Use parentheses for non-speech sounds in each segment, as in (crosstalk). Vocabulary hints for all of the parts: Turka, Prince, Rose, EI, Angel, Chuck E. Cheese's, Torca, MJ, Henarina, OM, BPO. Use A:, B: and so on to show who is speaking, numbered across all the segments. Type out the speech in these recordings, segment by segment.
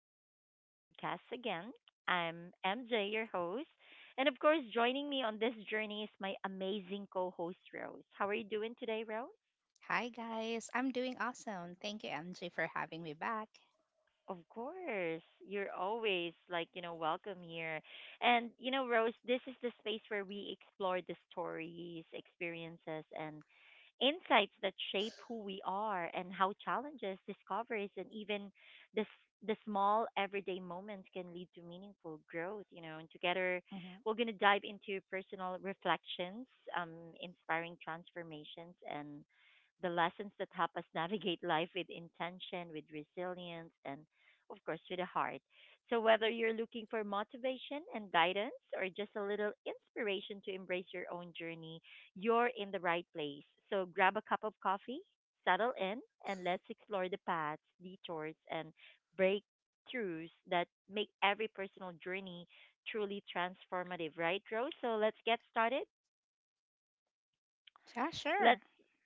A: to our podcast again. I'm MJ, your host. And of course, joining me on this journey is my amazing co host, Rose. How are you doing today, Rose?
B: Hi guys, I'm doing awesome. Thank you, MJ, for having me back.
A: Of course, you're always like, you know, welcome here. And, you know, Rose, this is the space where we explore the stories, experiences, and insights that shape who we are and how challenges, discoveries, and even the small everyday moments can lead to meaningful growth, you know. And together,
B: hmm
A: we're going to dive into personal reflections, inspiring transformations, and the lessons that help us (laughs) navigate life with intention, with resilience, and of course, to the heart. So, whether you're looking for motivation and guidance or just a little inspiration to embrace your own journey, you're in the right place. So, grab a cup of coffee, settle in, and let's explore the paths, detours, and breakthroughs that make every personal journey truly transformative, right, Rose? So, let's get started.
B: Yeah, sure.
A: Let's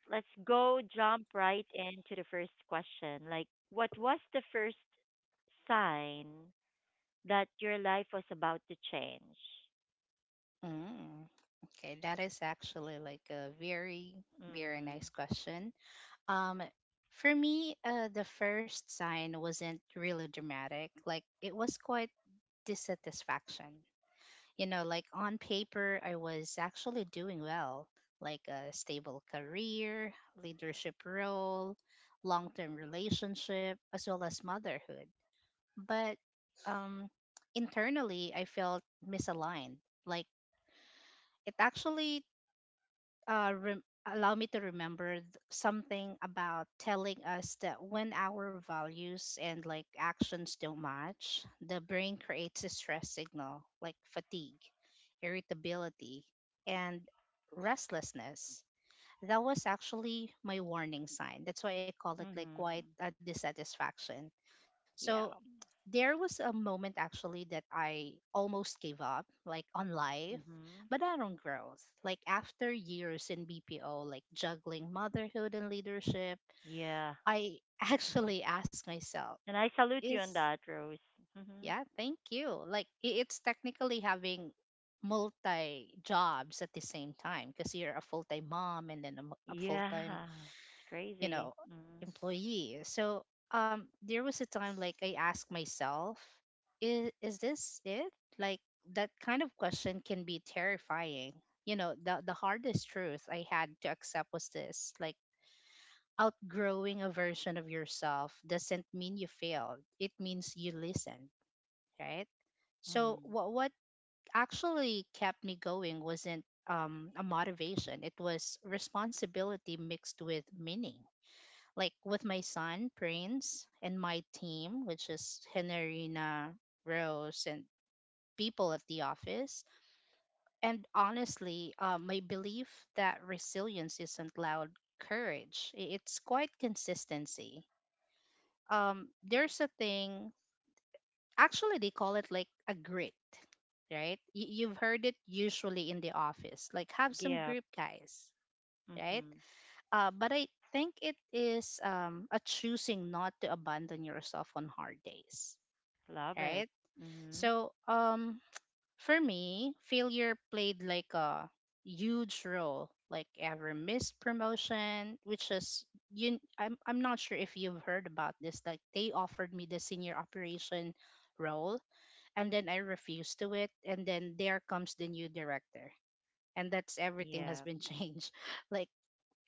A: let's go jump right into the first question. Like, what was the first sign that your life was about to change.
B: Mm. Okay, that is actually like a very, very nice
A: Mhm.
B: question. Um, for me, the first sign wasn't really dramatic. Like it was quite dissatisfaction. You know, like on paper, I was actually doing well, like a stable career, leadership role, long-term relationship, as well as motherhood. But um, internally, I felt misaligned. Like it actually allowed me to remember something about telling us that when our values and like actions don't match, the brain creates a stress signal like fatigue, irritability, and restlessness. That was actually my warning sign. That's why I call it like
A: Mhm.
B: quite a dissatisfaction.
A: Yeah.
B: So there was a moment actually that I almost gave up, like on life,
A: Mhm.
B: but not on growth. Like after years in BPO, like juggling motherhood and leadership,
A: Yeah.
B: I (laughs)
A: Mhm.
B: actually asked myself,
A: And I salute you
B: is,
A: on that, Rose. Mhm.
B: yeah, thank you. Like it's technically having multi jobs at the same time because you're a full time mom and then a a full time,
A: Yeah. It's
B: you
A: crazy.
B: know,
A: Mhm.
B: employee. So there was a time like I asked myself, is this it? Like that kind of question can be terrifying. You know, the hardest truth I had to accept was this: like outgrowing a version of yourself doesn't mean you failed, it means you listened, right? So
A: Mhm.
B: what actually kept me going wasn't a motivation, it was responsibility mixed with meaning, like with my son Prince and my team, which is Henarina, Rose, and people at the office. And honestly, my belief that resilience isn't loud courage; it's quite consistency. There's a thing. Actually, they call it like a grit, right? You've heard it usually in the office. Like, have some
A: Yeah.
B: grit, guys, right?
A: Mhm.
B: But I think it is a choosing not to abandon yourself on hard days,
A: Love it.
B: right?
A: Mhm.
B: So for me, failure played like a huge role. Like every missed promotion, which is you, I'm not sure if you've heard about this. Like they offered me the senior operation role, and then I refused to it, and then there comes the new director, and that's everything has
A: Yeah.
B: been (laughs) changed. Like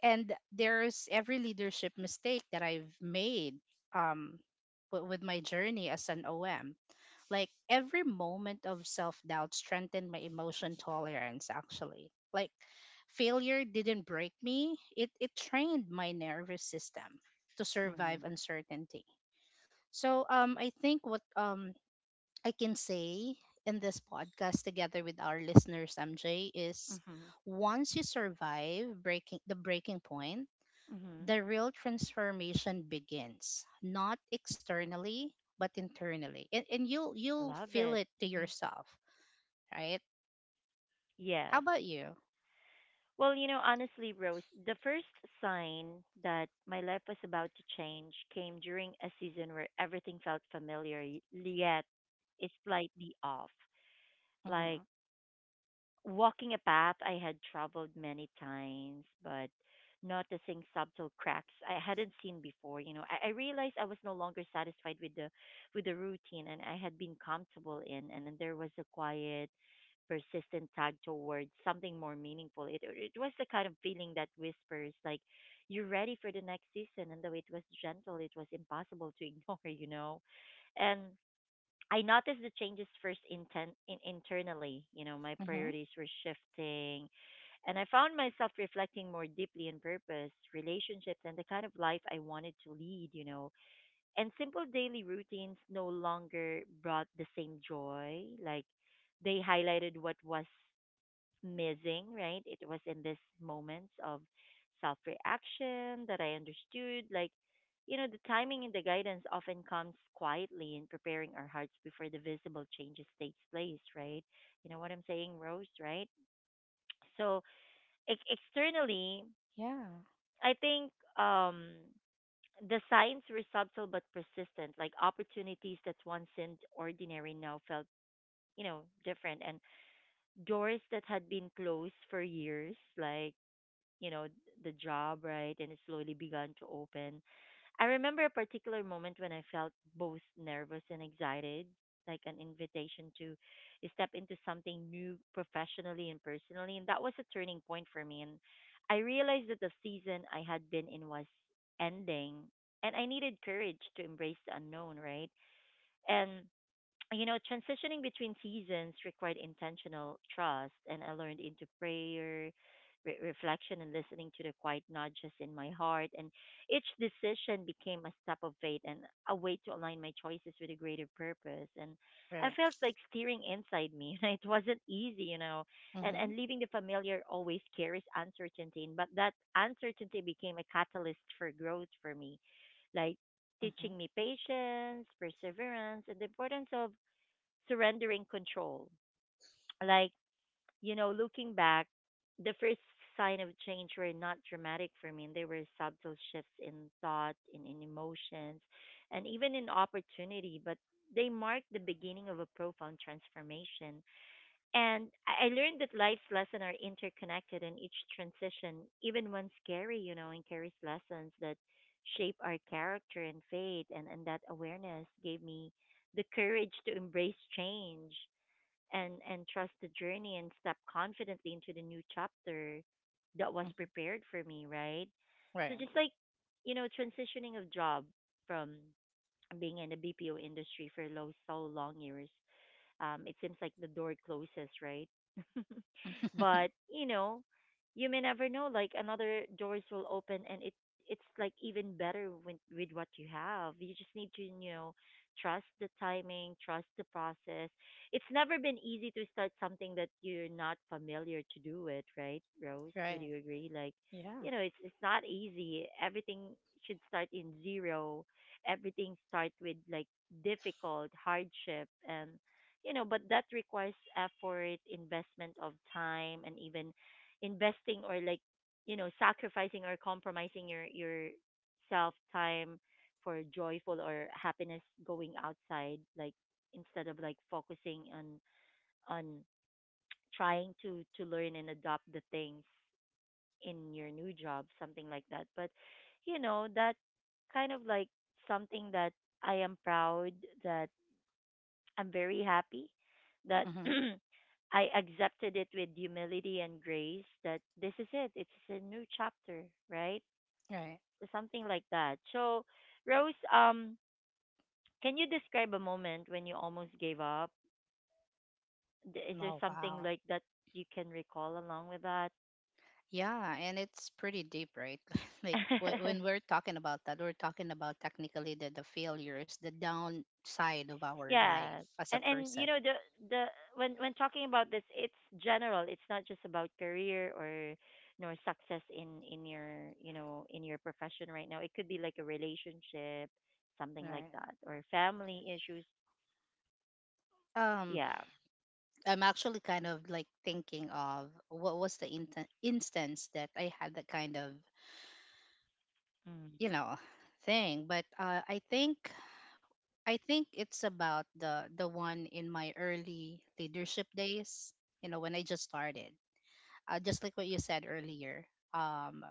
B: and there's every leadership mistake that I've made um with my journey as an OM. Like every moment of self-doubt strengthened my emotion tolerance actually. Like failure didn't break me, it trained my nervous system to survive
A: Mhm.
B: uncertainty. So I think what I can say in this podcast together with our listeners MJ is,
A: Mhm.
B: once you survive breaking the breaking point,
A: Mhm.
B: the real transformation begins not externally but internally, and, you'll
A: I
B: you'll
A: love
B: feel
A: it.
B: it to
A: Mhm.
B: yourself, right? How
A: Yes.
B: about you?
A: Well, you know, honestly, Rose, the first sign that my life was about to change came during a season where everything felt familiar, yet it's slightly off.
B: Mm-hmm.
A: Like, walking a path I had traveled many times, but noticing subtle cracks I hadn't seen before. You know, I realized I was no longer satisfied with the routine and I had been comfortable in, and then there was a quiet, persistent tug towards something more meaningful. It was the kind of feeling that whispers like, "You're ready for the next season," and the way it was gentle, it was impossible to ignore. (laughs) You know, and I noticed the changes first internally. You know, my
B: Mm-hmm.
A: priorities were shifting, and I found myself reflecting more deeply on purpose, relationships, and the kind of life I wanted to lead. You know, and simple daily routines no longer brought the same joy. Like they highlighted what was missing, right? It was in these moments of self reaction that I understood. Like, you know, the timing and the guidance often comes quietly in preparing our hearts before the visible changes takes place, right? You know what I'm saying, Rose, right? So externally,
B: Yeah.
A: I think um, the signs were subtle but persistent, like opportunities that once seemed ordinary now felt, you know, different, and doors that had been closed for years, like you know, the job, right? And it slowly began to open. I remember a particular moment when I felt both nervous and excited, like an invitation to step into something new professionally and personally, and that was a turning point for me. And I realized that the season I had been in was ending, and I needed courage to embrace the unknown, right? And you know, transitioning between seasons required intentional trust, and I learned into prayer, reflection, and listening to the quiet nudges in my heart. And each decision became a step of faith and a way to align my choices with a greater purpose. And I
B: Right.
A: felt like steering inside me. (laughs) It wasn't easy, you know, and
B: Mm-hmm.
A: and leaving the familiar always carries uncertainty. But that uncertainty became a catalyst for growth for me, like
B: Mm-hmm.
A: teaching me patience, perseverance, and the importance of surrendering control. Like, you know, looking back, the first sign of change were not dramatic for me. And They were subtle shifts in thought, in emotions, and even in opportunity, but they marked the beginning of a profound transformation. And I learned that life's lessons are interconnected, and each transition, even when scary, you know, and carries lessons that shape our character and fate, and that awareness gave me the courage to embrace change and trust the journey and step confidently into the new chapter that was
B: Mm-hmm.
A: prepared for me, right? So
B: Right.
A: just like you know, transitioning of job from being in the BPO industry for so long years, it seems like the door closes, right? (laughs) But you know, you may never know. Like another doors will open, and it it's like even better with what you have. You just need to you know trust the timing, trust the process. It's never been easy to start something that you're not familiar to do with, right, Rose?
B: (laughs) right.
A: Would you agree? Like,
B: Yeah.
A: you know, it's not easy. Everything should start in zero. Everything start with like difficult hardship, and you know, but that requires effort, investment of time, and even investing or like, you know, sacrificing or compromising your self time for joyful or happiness going outside, like instead of like focusing on trying to learn and adopt the things in your new job, something like that. But you know, that kind of like something that I am proud that I'm very happy that
B: Mm-hmm.
A: (clears throat) I accepted it with humility and grace that this is it. It's a new chapter, right?
B: Right.
A: Something like that. So, Rose, can you describe a moment when you almost gave up? Is there
B: Oh
A: something
B: wow.
A: like that you can recall along with that?
B: Yeah, and it's pretty deep, right? (laughs) like when
A: (laughs)
B: we're talking about that, we're talking about technically the failures, the downside of our life
A: Yes.
B: as a
A: And
B: person,
A: you know the when talking about this it's general. It's not just about career or nor success in your, you know, in your profession right now. It could be like a relationship, something like
B: right?
A: that or family issues.
B: Um,
A: Yeah.
B: I'm actually kind of like thinking of what was the inten instance that I had that kind of,
A: Mm.
B: you know, thing. But I think it's about the one in my early leadership days. You know, when I just started, just like what you said earlier. Um,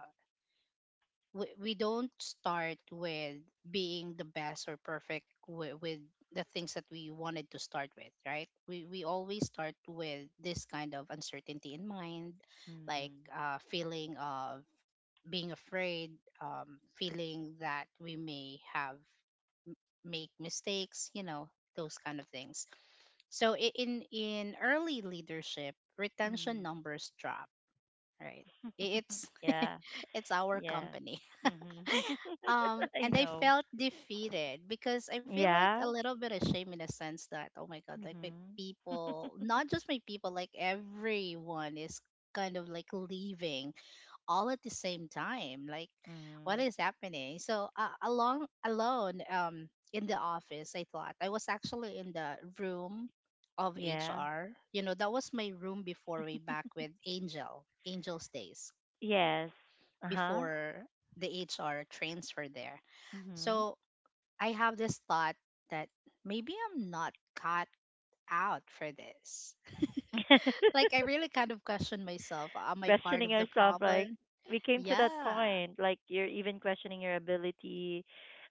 B: we don't start with being the best or perfect with, the things that we wanted to start with, right? We always start with this kind of uncertainty in mind, like
A: Mm.
B: feeling of being afraid, feeling that we may have make mistakes, you know, those kind of things. So in early leadership retention
A: Mm.
B: numbers drop, right?
A: (laughs)
B: It's (laughs)
A: Yeah.
B: it's our
A: Yeah.
B: company.
A: Mhm. (laughs) I
B: And I
A: know.
B: felt defeated because I feel like a
A: Yeah.
B: little bit ashamed in a sense that, oh my god, like my
A: Mhm.
B: people,
A: (laughs)
B: not just my people, like everyone is kind of like leaving all at the same time. Like what
A: Mhm.
B: is happening? So along alone in the office, I thought I was actually in the room of
A: Yeah.
B: HR. You know, that was my room before way back with Angel's days,
A: Yes. Uh-huh.
B: before the HR transfer there.
A: Mhm.
B: So I have this thought that maybe I'm not cut out for this. Like, I
A: (laughs)
B: really kind of question myself. Am I part
A: Questioning
B: of the
A: yourself, like
B: problem?
A: we came to that
B: Yeah.
A: point like you're even questioning your ability,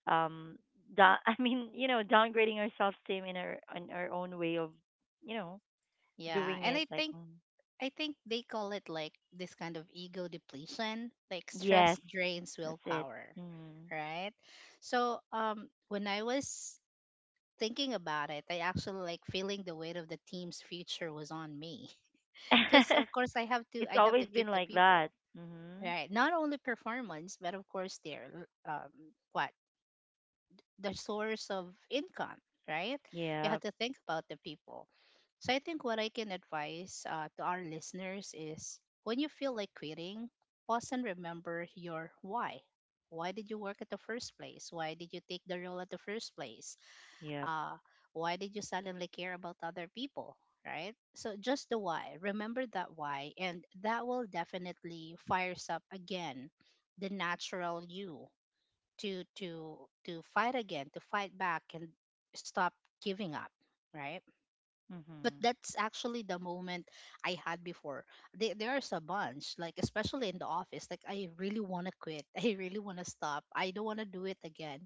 A: um, (laughs) I mean you know downgrading our self esteem in our own way of you know
B: Yeah.
A: doing
B: And
A: it
B: I
A: like
B: think.
A: mm,
B: I think they call it like this kind of ego depletion, like
A: yes,
B: stress drains
A: that's it.
B: willpower,
A: Mm.
B: right? So, when I was thinking about it, I actually like feeling the weight of the team's future was on me, (laughs) because of
A: (laughs)
B: course I have to
A: It's
B: I have
A: always
B: to
A: been
B: keep the
A: like
B: people,
A: that. Mhm.
B: right? Not only performance, but of course, their what the source of income, right? You have
A: Yep.
B: to think about the people. So I think what I can advise to our listeners is, when you feel like quitting, pause and remember your why. Why did you work at the first place? Why did you take the role at the first place?
A: Yep.
B: uh, why did you suddenly care about other people, right? So just the why, remember that why, and that will definitely fires up again the natural you to to fight again, to fight back and stop giving up, right? But
A: Mhm.
B: that's actually the moment I had before. There's a bunch, like especially in the office, like I really want to quit. (laughs) I really want to stop. I don't want to do it again.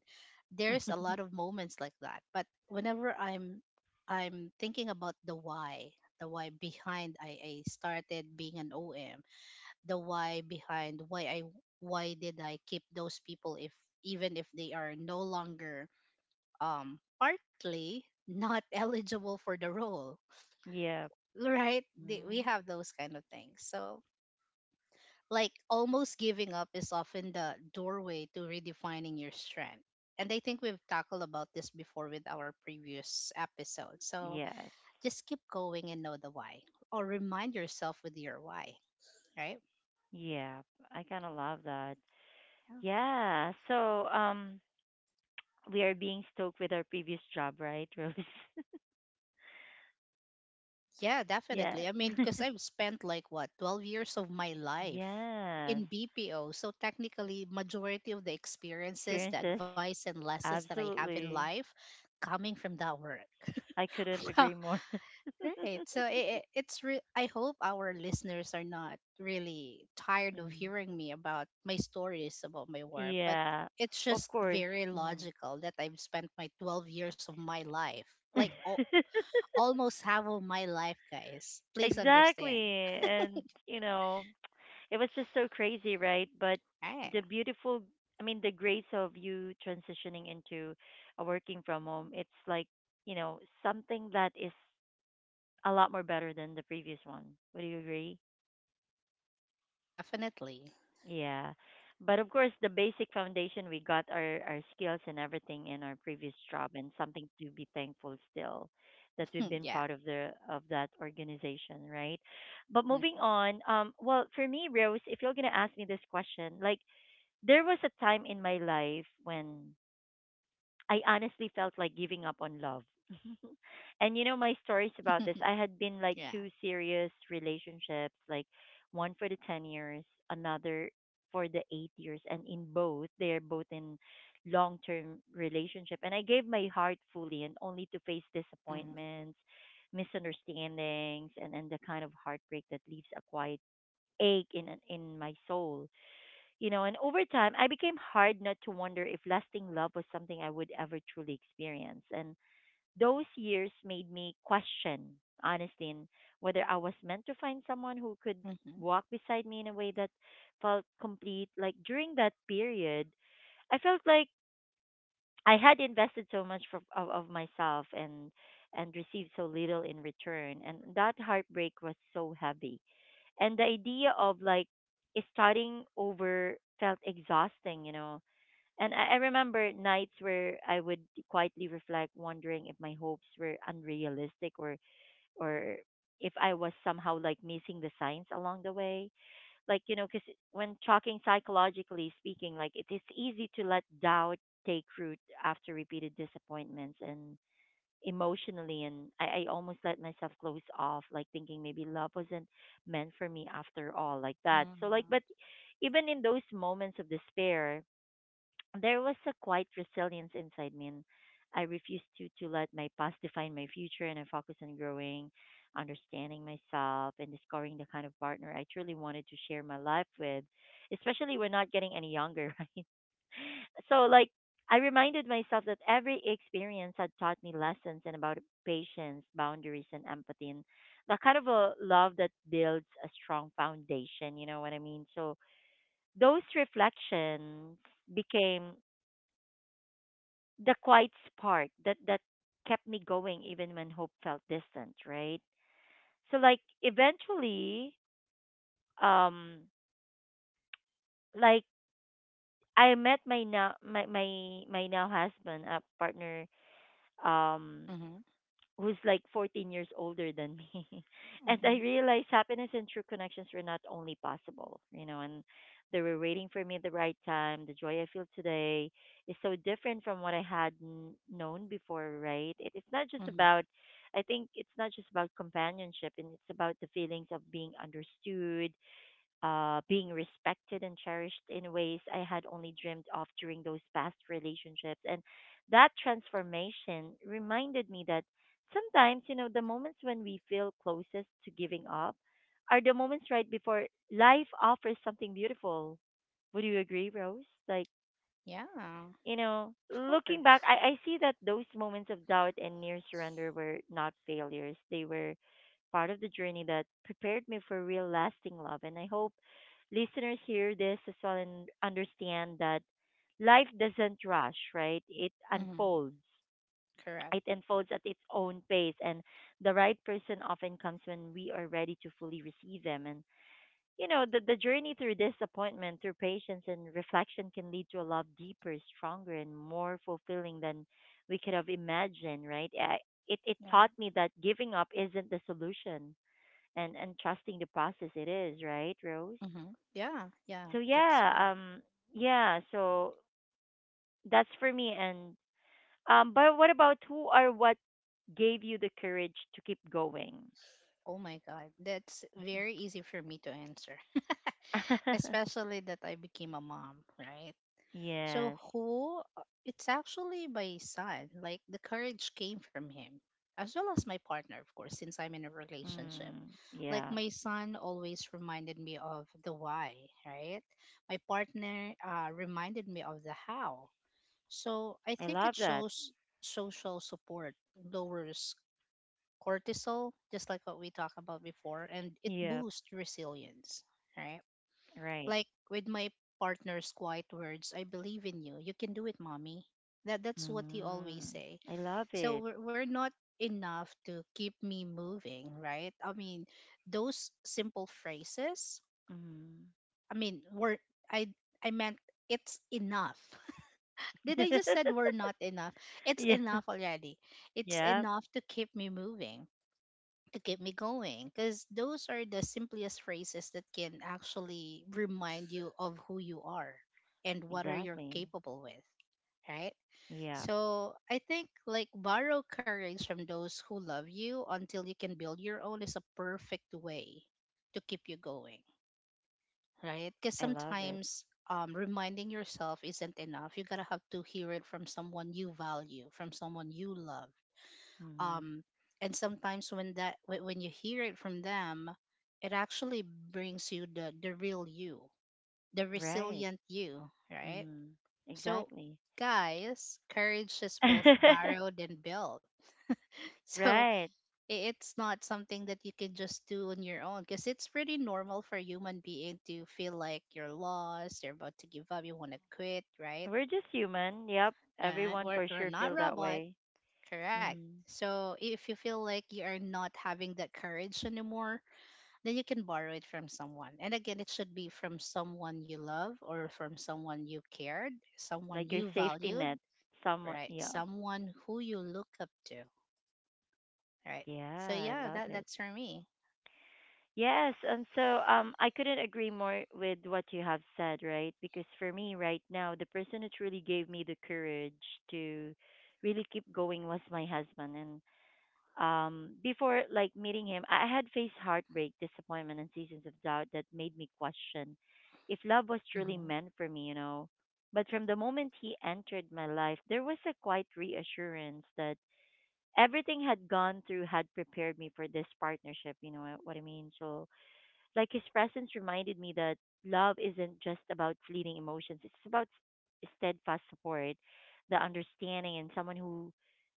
B: There's a lot
A: (laughs)
B: of moments like that. But whenever I'm thinking about the why behind I started being an OM, the why behind why did I keep those people if, even if they are no longer partly not (laughs) eligible for the role,
A: Yep.
B: right? We
A: Mhm.
B: have those kind of things. So like almost giving up is often the doorway to redefining your strength, and I think we've tackled about this before with our previous episode. So
A: Yes.
B: just keep going and know the why, or remind yourself with your why, right?
A: Yep. I kind of love that.
B: Yeah,
A: Yeah. So um, we are being stoked with our previous job, right, Rose?
B: yeah
A: (laughs) Yeah.
B: definitely. I mean
A: (laughs)
B: because I've spent like what, 12 years of my life
A: Yes.
B: in BPO, so technically majority of the experiences, the
A: Experiences.
B: advice and lessons that I have in
A: Absolutely.
B: life coming from that work.
A: I couldn't
B: (laughs) Well,
A: agree more. (laughs)
B: (laughs) right. So it's I hope our listeners are not really tired of
A: Mm.
B: hearing me about my stories about my work, but
A: Yeah.
B: it's
A: Of
B: just
A: course.
B: very
A: Mm.
B: logical that I've spent my 12 years of my life, like
A: (laughs)
B: almost half of my life, guys. Please
A: Exactly.
B: understand.
A: And, you know, it was just so crazy, right? But the
B: Right.
A: beautiful, I mean, the grace of you transitioning into a working from home, it's like, you know, something that is a lot more better than the previous one. Would you agree?
B: Definitely.
A: Yeah. But of course, the basic foundation we got our skills and everything in our previous job, and something to be thankful still that we've
B: (laughs)
A: been
B: yeah.
A: part of the of that organization, right? But moving
B: Mhm.
A: on, well, for me, Rose, if you're gonna ask me this question, like there was a time in my life when I honestly felt like giving up on love. (laughs) And you know my stories about
B: (laughs)
A: this. I had been like
B: yeah.
A: two serious relationships, like one for the 10 years, another for the 8 years, and in both they're both in long-term relationship, and I gave my heart fully and only to face
B: Mhm.
A: disappointments, misunderstandings, and the kind of heartbreak that leaves a quiet ache in my soul, you know. And over time, I became hard not to wonder if lasting love was something I would ever truly experience. And those years made me question, honestly, and whether I was meant to find someone who could
B: Mhm.
A: walk beside me in a way that felt complete. Like during that period, I felt like I had invested so much of myself and received so little in return, and that heartbreak was so heavy, and the idea of like starting over felt exhausting, you know. And I remember nights where I would quietly reflect, wondering if my hopes were unrealistic or if I was somehow like missing the signs along the way. Like you know, because when talking psychologically speaking, like it is easy to let doubt take root after repeated disappointments and emotionally, and I almost let myself close off like thinking maybe love wasn't meant for me after all like that so like. But
B: Mhm.
A: even in those moments of despair, there was a quiet resilience inside me, and I refused to let my past define my future, and I focused on growing, understanding myself, and discovering the kind of partner I truly wanted to share my life with, especially we're not getting any younger. (laughs) Right? So like I reminded myself that every experience had taught me lessons and about patience, boundaries, and empathy, and the kind of a love that builds a strong foundation. You know what I mean? So those reflections became the quiet spark that kept me going even when hope felt distant, right? Eventually, um, like I met my now my now husband, a partner, um
B: Mhm.
A: who's like 14 years older than me. (laughs) And I
B: Mhm.
A: realized happiness and true connections were not only possible, you know, and they were waiting for me at the right time. The joy I feel today is so different from what I had known before, right? It's not just
B: Mhm.
A: about, I think it's not just about companionship, and it's about the feelings of being understood, being respected and cherished in ways I had only dreamed of during those past relationships. And that transformation reminded me that sometimes, you know, the moments when we feel closest to giving up are the moments right before life offers something beautiful. Would you agree, Rose? Like,
B: Yeah.
A: you know,
B: Of
A: looking back,
B: course.
A: I see that those moments of doubt and near surrender were not failures. They were part of the journey that prepared me for real lasting love. And I hope listeners hear this as well and understand that life doesn't rush, right? It
B: Mhm.
A: unfolds.
B: Correct.
A: It unfolds at its own pace, and the right person often comes when we are ready to fully receive them. And the journey through disappointment, through patience and reflection can lead to a love deeper, stronger, and more fulfilling than we could have imagined, right? I, it
B: Yeah.
A: taught me that giving up isn't the solution and trusting the process it is, right, Rose?
B: Mm-hmm. Yeah, yeah,
A: So
B: that's mm.
A: yeah, yeah, so that's for me. And but what about, who or what gave you the courage to keep going?
B: Oh my god, that's
A: Mhm.
B: very easy for me to answer, (laughs)
A: (laughs)
B: especially that I became a mom, right? So
A: Yes.
B: who, it's actually my son. Like the courage came from him, as well as my partner, of course, since I'm in a relationship.
A: Mm,
B: Like
A: yeah.
B: my son always reminded me of the why, right? My partner reminded me of the how. So I
A: I
B: think
A: love
B: it
A: that.
B: shows social support lowers cortisol, just like what we talked about before, and it
A: Yep.
B: boosts resilience, right?
A: Right.
B: Like with my partner's quiet words, I believe in you. You can do it, mommy. That that's what he always
A: Mm,
B: say.
A: I love
B: So
A: it.
B: we're not enough to keep me moving, right? I mean, those simple phrases.
A: Mm.
B: I mean, were I I meant it's enough. (laughs) Did I just said we're
A: (laughs)
B: not enough? It's
A: Yeah,
B: enough already. It's
A: yeah,
B: enough to keep me moving, to keep me going, because those are the simplest phrases that can actually remind you of who you are and what are you're
A: exactly.
B: capable with, right?
A: Yeah,
B: So I think like borrow courage from those who love you until you can build your own is a perfect way to keep you going, right? Because
A: I love it.
B: sometimes, reminding yourself isn't enough. You gotta have to hear it from someone you value, from someone you love.
A: Mm-hmm.
B: um and sometimes when that when you hear it from them, it actually brings you the real you, the
A: Right.
B: resilient you, right?
A: Mm,
B: So
A: exactly.
B: guys, courage is both
A: (laughs)
B: borrowed and built. (laughs) So
A: Right.
B: it's not something that you can just do on your own, because it's pretty normal for a human being to feel like you're lost, you're about to give up, you want to quit, right?
A: We're just human. Yep.
B: Yeah,
A: Everyone for
B: we're
A: sure
B: not
A: feel that
B: robot.
A: way.
B: Correct.
A: Mm-hmm.
B: So if you feel like you are not having that courage anymore, then you can borrow it from someone. And again, it should be from someone you love or from someone you cared, someone
A: Like your
B: you
A: safety
B: valued,
A: net. Someone.
B: right?
A: Yeah.
B: Someone who you look up to, right? So
A: Yeah, I
B: yeah,
A: love
B: that
A: it.
B: that's for me.
A: Yes. And so I couldn't agree more with what you have said, right? Because for me right now, the person who truly gave me the courage to really keep going was my husband. And before like meeting him, I had faced heartbreak, disappointment and seasons of doubt that made me question if love was truly
B: Hmm.
A: meant for me, you know. But from the moment he entered my life there was a quiet reassurance that everything had gone through had prepared me for this partnership, you know what I mean? So like his presence reminded me that love isn't just about fleeting emotions, it's about steadfast support, the understanding, and someone who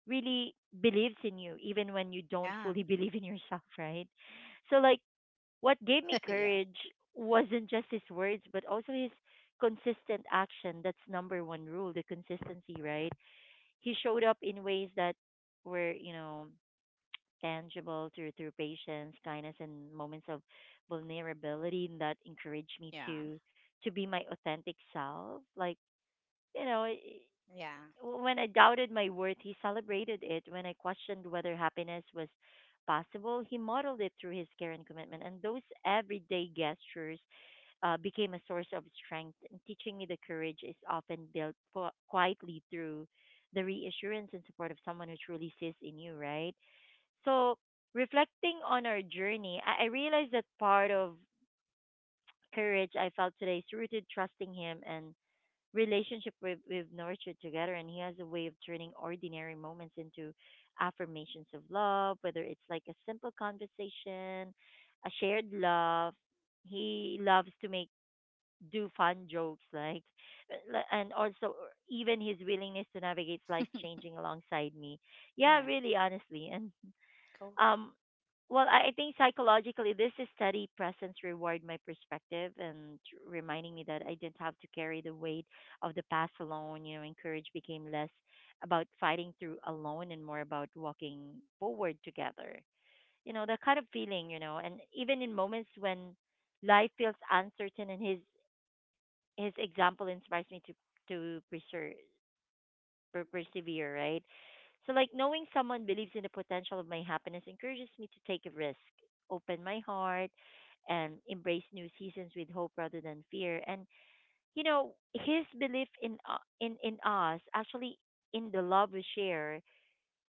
A: really believes in you, even when you don't
B: Yeah.
A: fully (laughs) believe in yourself, right? So, like, what gave me
B: (laughs) yeah.
A: courage wasn't just his words, but also his consistent action. That's number one rule, the consistency, right? He showed up in ways that were, you know, tangible through patience, kindness, and moments of vulnerability that encourage me
B: Yeah.
A: to be my authentic self. Like you know,
B: Yeah.
A: when I doubted my worth, he celebrated it. When I questioned whether happiness was possible, he modeled it through his care and commitment. And those everyday gestures became a source of strength, and teaching me the courage is often built quietly through the reassurance and support of someone who truly sees in you, right? So, reflecting on our journey, I realized that part of courage I felt today is rooted trusting him and relationship we've nurtured together. And he has a way of turning ordinary moments into affirmations of love, whether it's like a simple conversation, a shared love. He loves to make do fun jokes like and also even his willingness to navigate life
B: (laughs)
A: changing alongside me, yeah,
B: Yeah.
A: really, honestly. (laughs) And
B: Cool.
A: um, well, I think psychologically, this is steady presence reward my perspective and reminding me that I didn't have to carry the weight of the past alone. You know, encourage became less about fighting through alone and more about walking forward together. You know, that kind of feeling. You know, and even in moments when life feels uncertain, and his example inspires me to persevere, persevere, right? So, like, knowing someone believes in the potential of my happiness encourages me to take a risk, open my heart, and embrace new seasons with hope rather than fear. And, you know, his belief in, in us, actually, in the love we share,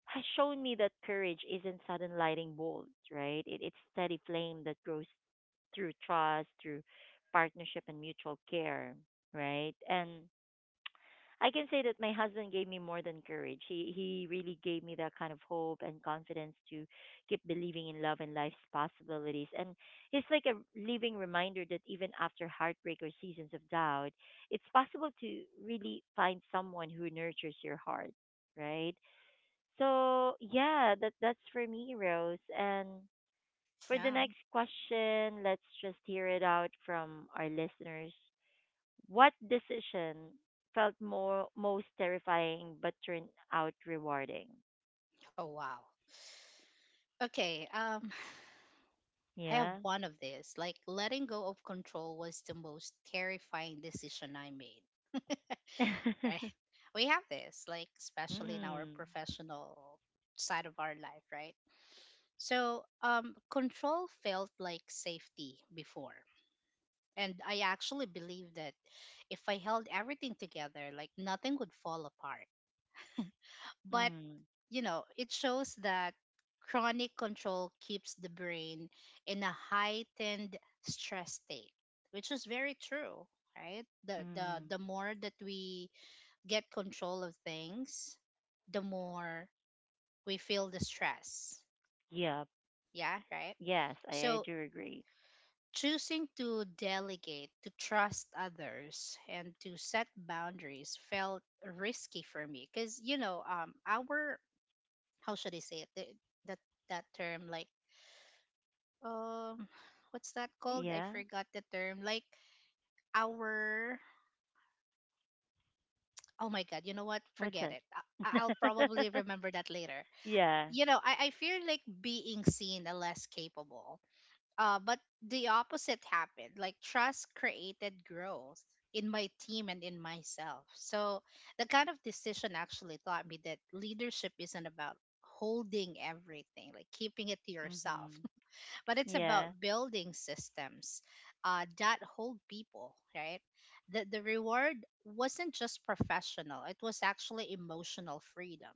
A: has shown me that courage isn't sudden lightning bolts, right? It's steady flame that grows through trust, through partnership, and mutual care, right? And I can say that my husband gave me more than courage. He really gave me that kind of hope and confidence to keep believing in love and life's possibilities. And he's like a living reminder that even after heartbreak or seasons of doubt, it's possible to really find someone who nurtures your heart, right? So yeah, that's for me, Rose. And for the
B: Yeah.
A: next question, let's just hear it out from our listeners. What decision felt more most terrifying but turned out rewarding?
B: Oh wow. Okay. I have
A: Yeah.
B: one of these. Like letting go of control was the most terrifying decision I made. (laughs)
A: (laughs)
B: Right?
A: Mm,
B: We have this, like especially in our
A: mm,
B: professional side of our life, right? So, control felt like safety before. And I actually believed that if I held everything together, like nothing would fall apart. But
A: mm.
B: it shows that chronic control keeps the brain in a heightened stress state, which is very true, right? The more that we get control of things, the more we feel the stress.
A: Yeah.
B: Yeah, right?
A: Yes, I
B: So
A: do agree.
B: choosing to delegate, to trust others, and to set boundaries felt risky for me because our, how should I say it? The, that term, like um what's that called? I
A: Yeah.
B: forgot the term. Like our, oh my god, you know what?
A: What's
B: Forget
A: it?
B: it. I'll probably
A: (laughs)
B: remember that later.
A: Yeah.
B: I feel like being seen and less capable. But the opposite happened. Like trust created growth in my team and in myself. So the kind of decision actually taught me that leadership isn't about holding everything, like keeping it to yourself,
A: Mhm.
B: but it's
A: Yeah.
B: about building systems, that hold people, right. The reward wasn't just professional, it was actually emotional freedom.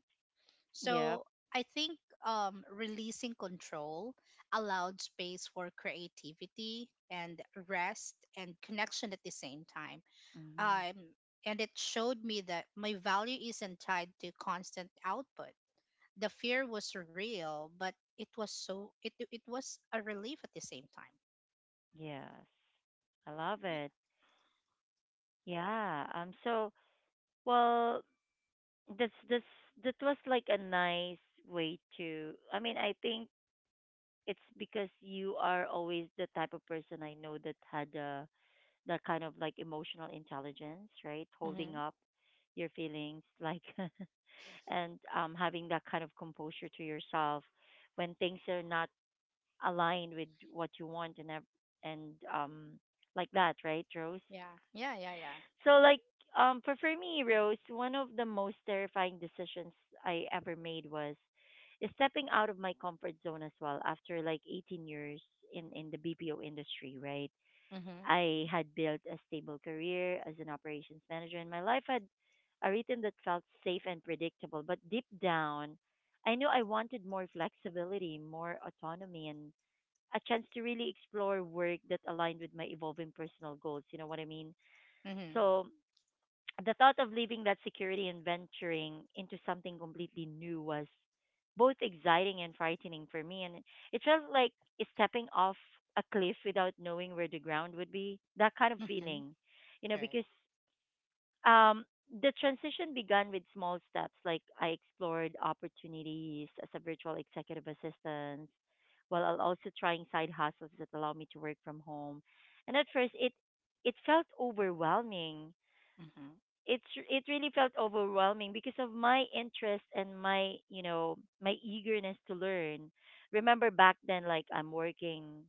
A: Yep.
B: So I think releasing control allowed space for creativity and rest and connection at the same time.
A: Mhm.
B: um, and it showed me that my value isn't tied to constant output. The fear was real, but it was, so it was a relief at the same time.
A: Yes. I love
B: Yeah.
A: it. Yeah. Um, so, well, this that was like a nice way to. I mean, I think it's because you are always the type of person I know that had that kind of like emotional intelligence, right? Holding
B: Mm-hmm.
A: up your feelings, like, (laughs) and having that kind of composure to yourself when things are not aligned with what you want and and like that, right, Rose?
B: Yeah. Yeah. Yeah. Yeah.
A: So like for me, Rose, one of the most terrifying decisions I ever made was stepping out of my comfort zone as well after like 18 years in the BPO industry, right?
B: Mm-hmm.
A: I had built a stable career as an operations manager and my life had a rhythm that felt safe and predictable, but deep down, I knew I wanted more flexibility, more autonomy and a chance to really explore work that aligned with my evolving personal goals, you know what I mean?
B: Mm-hmm.
A: So, the thought of leaving that security and venturing into something completely new was both exciting and frightening for me and it felt like stepping off a cliff without knowing where the ground would be, that kind of
B: Mm-hmm.
A: feeling, you know.
B: Right.
A: Because um the transition began with small steps, like I explored opportunities as a virtual executive assistant while I'll also trying side hustles that allow me to work from home. And at first it felt overwhelming.
B: Mm-hmm.
A: It's it really felt overwhelming because of my interest and my, you know, my eagerness to learn. Remember back then, like I'm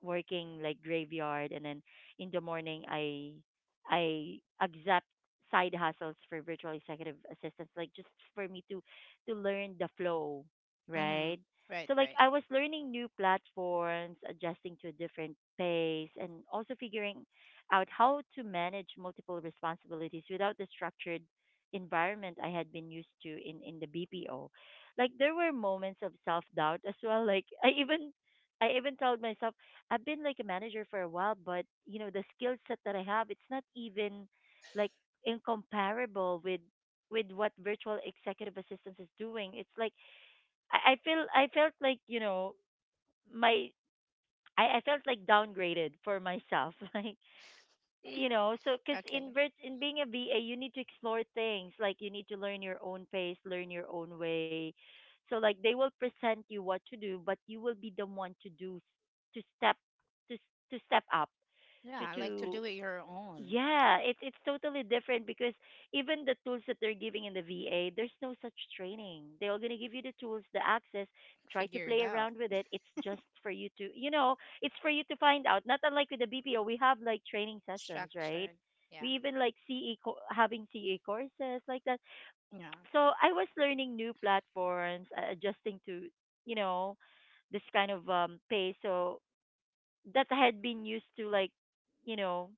A: working like graveyard, and then in the morning I accept side hustles for virtual executive assistants, like just for me to learn the flow, right?
B: Mm-hmm. Right.
A: So like
B: Right.
A: I was learning new platforms, adjusting to a different pace and also figuring out how to manage multiple responsibilities without the structured environment I had been used to in the BPO. Like there were moments of self-doubt as well. Like I even told myself I've been like a manager for a while, but you know, the skill set that I have, it's not even like incomparable with what virtual executive assistance is doing. It's like I feel I felt like, you know, my I felt like downgraded for myself. (laughs) Like, you know, so because
B: Okay.
A: in in being a VA, you need to explore things. Like, you need to learn your own pace, learn your own way. So, like, they will present you what to do, but you will be the one to do, to step, to s- to step up,
B: Yeah.
A: to
B: I like to do it your own.
A: yeah. It's totally different because even the tools that they're giving in the VA, there's no such training. They're going to give you the tools, the access, try to
B: Figure it
A: play
B: out.
A: around with it, it's just for you to, you know, it's for you to find out. Not unlike with the BPO, we have like training sessions, right?
B: Structure.
A: We
B: Yeah.
A: even like having ce courses like that.
B: Yeah.
A: So I was learning new platforms, adjusting to, you know, this kind of pace. So that had been used to, like, you know,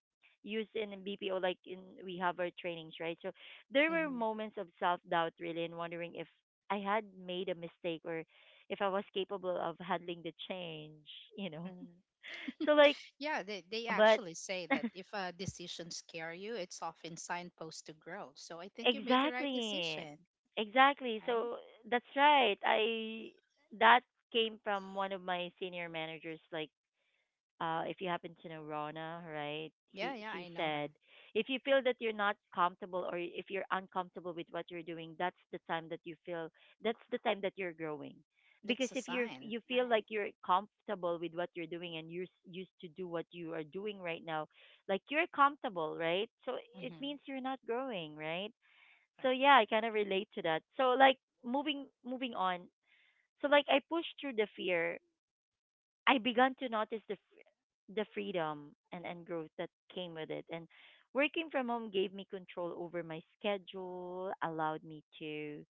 A: use in BPO, like in we have our trainings, right? So there were
B: Mm-hmm.
A: moments of self doubt really, and wondering if I had made a mistake or if I was capable of handling the change, you know.
B: Mm-hmm.
A: (laughs) So like
B: (laughs) Yeah. They
A: but
B: actually say
A: (laughs)
B: that if a decision scare you, it's often signpost to grow. So I think you made the right
A: exactly,
B: decision.
A: exactly.
B: Right.
A: So that's right, I that came from one of my senior managers, like, if you happen to know Rona, right?
B: Yeah.
A: He
B: Yeah.
A: she
B: I know
A: said,
B: her.
A: if you feel that you're not comfortable or if you're uncomfortable with what you're doing, that's the time that you feel that's the time that you're growing.
B: That's
A: Because
B: a
A: if you're
B: sign.
A: you feel
B: Right.
A: like you're comfortable with what you're doing and you're used to do what you are doing right now, like you're comfortable, right? So it
B: Mm-hmm.
A: means you're not growing, right? So yeah, I kind of relate to that. So like moving on. So like I pushed through the fear. I began to notice the the freedom and growth that came with it. And working from home gave me control over my schedule, allowed me to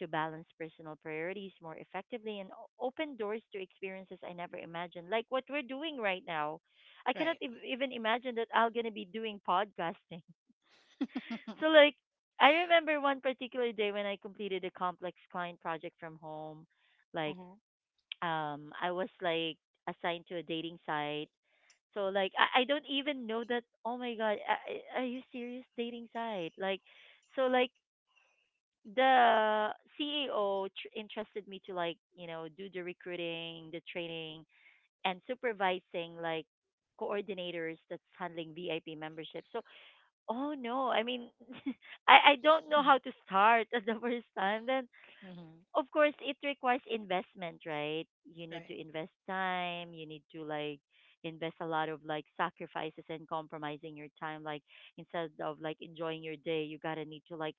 A: to balance personal priorities more effectively and open doors to experiences I never imagined. Like what we're doing right now. I
B: Right.
A: cannot even imagine that I'm going to be doing podcasting. (laughs)
B: Right. (laughs)
A: So like I remember one particular day when I completed a complex client project from home, like
B: Mm-hmm.
A: I was like assigned to a dating site. So like I don't even know that oh my god, are you serious, dating site? Like so like the CEO entrusted me to, like, you know, do the recruiting, the training and supervising like coordinators that's handling VIP membership. So, oh no, I mean (laughs) I don't know how to start (laughs) at the first time. Then
B: Mm-hmm.
A: of course it requires investment, right? You need
B: Right.
A: to invest time, you need to like invest a lot of like sacrifices and compromising your time, like instead of like enjoying your day, you gotta need to like,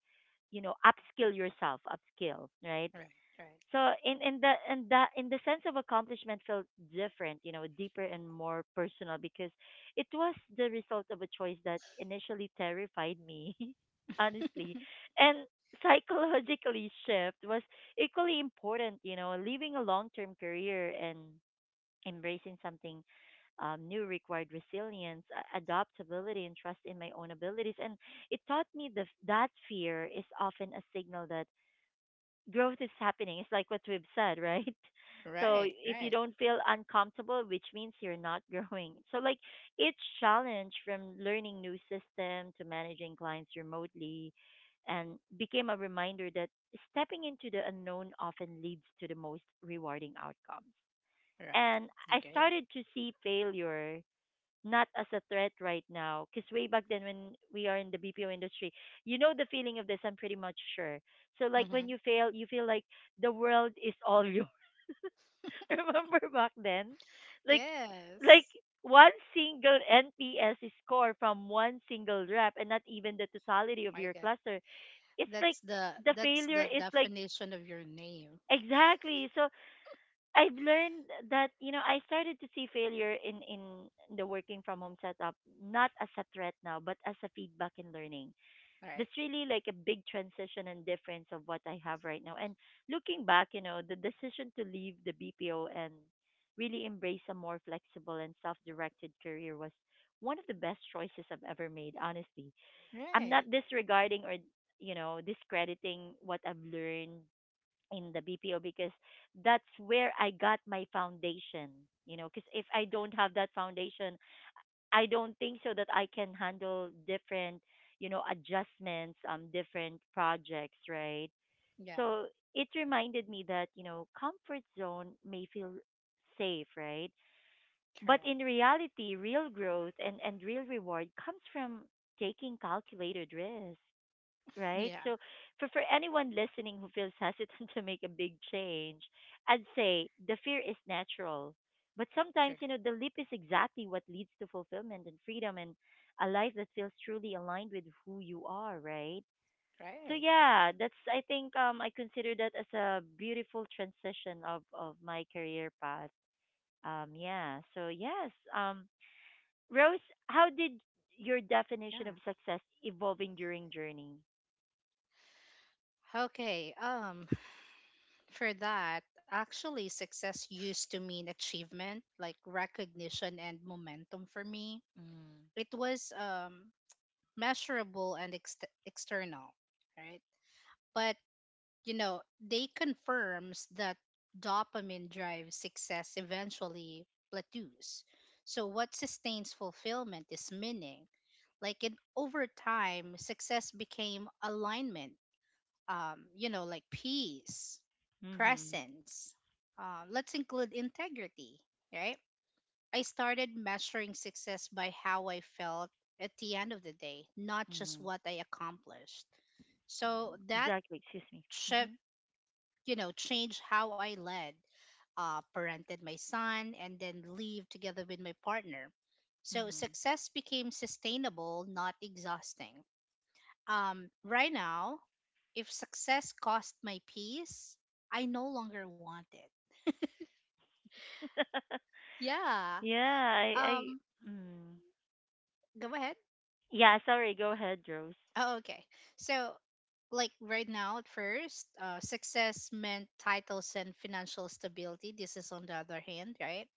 A: you know, upskill yourself, upskill, right?
B: Right. Right.
A: So in the sense of accomplishment felt different, you know, deeper and more personal because it was the result of a choice that initially terrified me, (laughs) honestly,
B: (laughs)
A: and psychologically shift was equally important, you know, leaving a long term career and embracing something new required resilience, adaptability, and trust in my own abilities. And it taught me that fear is often a signal that growth is happening. It's like what we've said, right? (laughs) So
B: Right.
A: if you
B: Right.
A: don't feel uncomfortable, which means you're not (laughs) growing. So like each challenge from learning new system to managing clients remotely and became a reminder that stepping into the unknown often leads to the most rewarding outcomes.
B: Right.
A: And I
B: Agree.
A: started to see failure not as a threat right now. Because way back then, when we are in the BPO industry, you know the feeling of this. I'm pretty much sure. So like when
B: Mm-hmm.
A: you fail, you feel like the world is all yours. (laughs) Remember back then, like like
B: Yes.
A: one single NPS score from one single rep, and not even the totality of
B: My
A: your
B: God.
A: cluster. It's like
B: That's the
A: the failure is like
B: definition of your name.
A: exactly so. I've learned that, you know, I started to see failure in the working from home setup not as a threat now but as a feedback and learning.
B: Right.
A: That's really like a big transition and difference of what I have right now. And looking back, you know, the decision to leave the BPO and really embrace a more flexible and self-directed career was one of the best choices I've ever made, honestly. I'm
B: Right.
A: not disregarding or, you know, discrediting what I've learned in the BPO because that's where I got my foundation, you know, because if I
B: Right.
A: don't have that foundation, I don't think so that I can handle different, you know, adjustments, different projects, right?
B: Yeah.
A: So it reminded me that, you know, comfort zone may feel safe, right? But
B: Correct.
A: in reality, real growth and real reward comes from taking calculated risk, right?
B: Yeah.
A: So for anyone listening who feels hesitant (laughs) to make a big change, I'd say the fear is natural. But sometimes,
B: Correct.
A: you know, the leap is exactly what leads to fulfillment and freedom and a life that feels truly aligned with who you are, right? So
B: Right.
A: yeah, that's, I think, I consider that as a beautiful transition of my career path. Yeah. So yes, Rose, how did your definition of
B: Yeah.
A: success evolving during journey?
B: Okay. For that, actually, success used to mean achievement, like recognition and momentum for me.
A: Mm.
B: It was measurable and external, right? But, they confirms that dopamine drives success eventually plateaus. So what sustains fulfillment is meaning. Like in over time, success became alignment, like peace,
A: Mhm.
B: presence. Let's include integrity, right? I started measuring success by how I felt at the end of the day, not just
A: Mhm.
B: what I accomplished. So that
A: Exactly. Excuse me.
B: shift,
A: Mhm.
B: you know, changed how I led, parented my son, and then leave together with my partner. So
A: Mhm.
B: success became sustainable, not exhausting. Right now, if success cost my peace, I no longer want it.
A: (laughs)
B: Yeah.
A: Yeah. I. I.
B: Um,
A: Mm.
B: Go ahead.
A: Yeah. Sorry. Go ahead, Rose.
B: Oh, okay. So, like right now, at first, success meant titles and financial stability. This is on the other hand, right?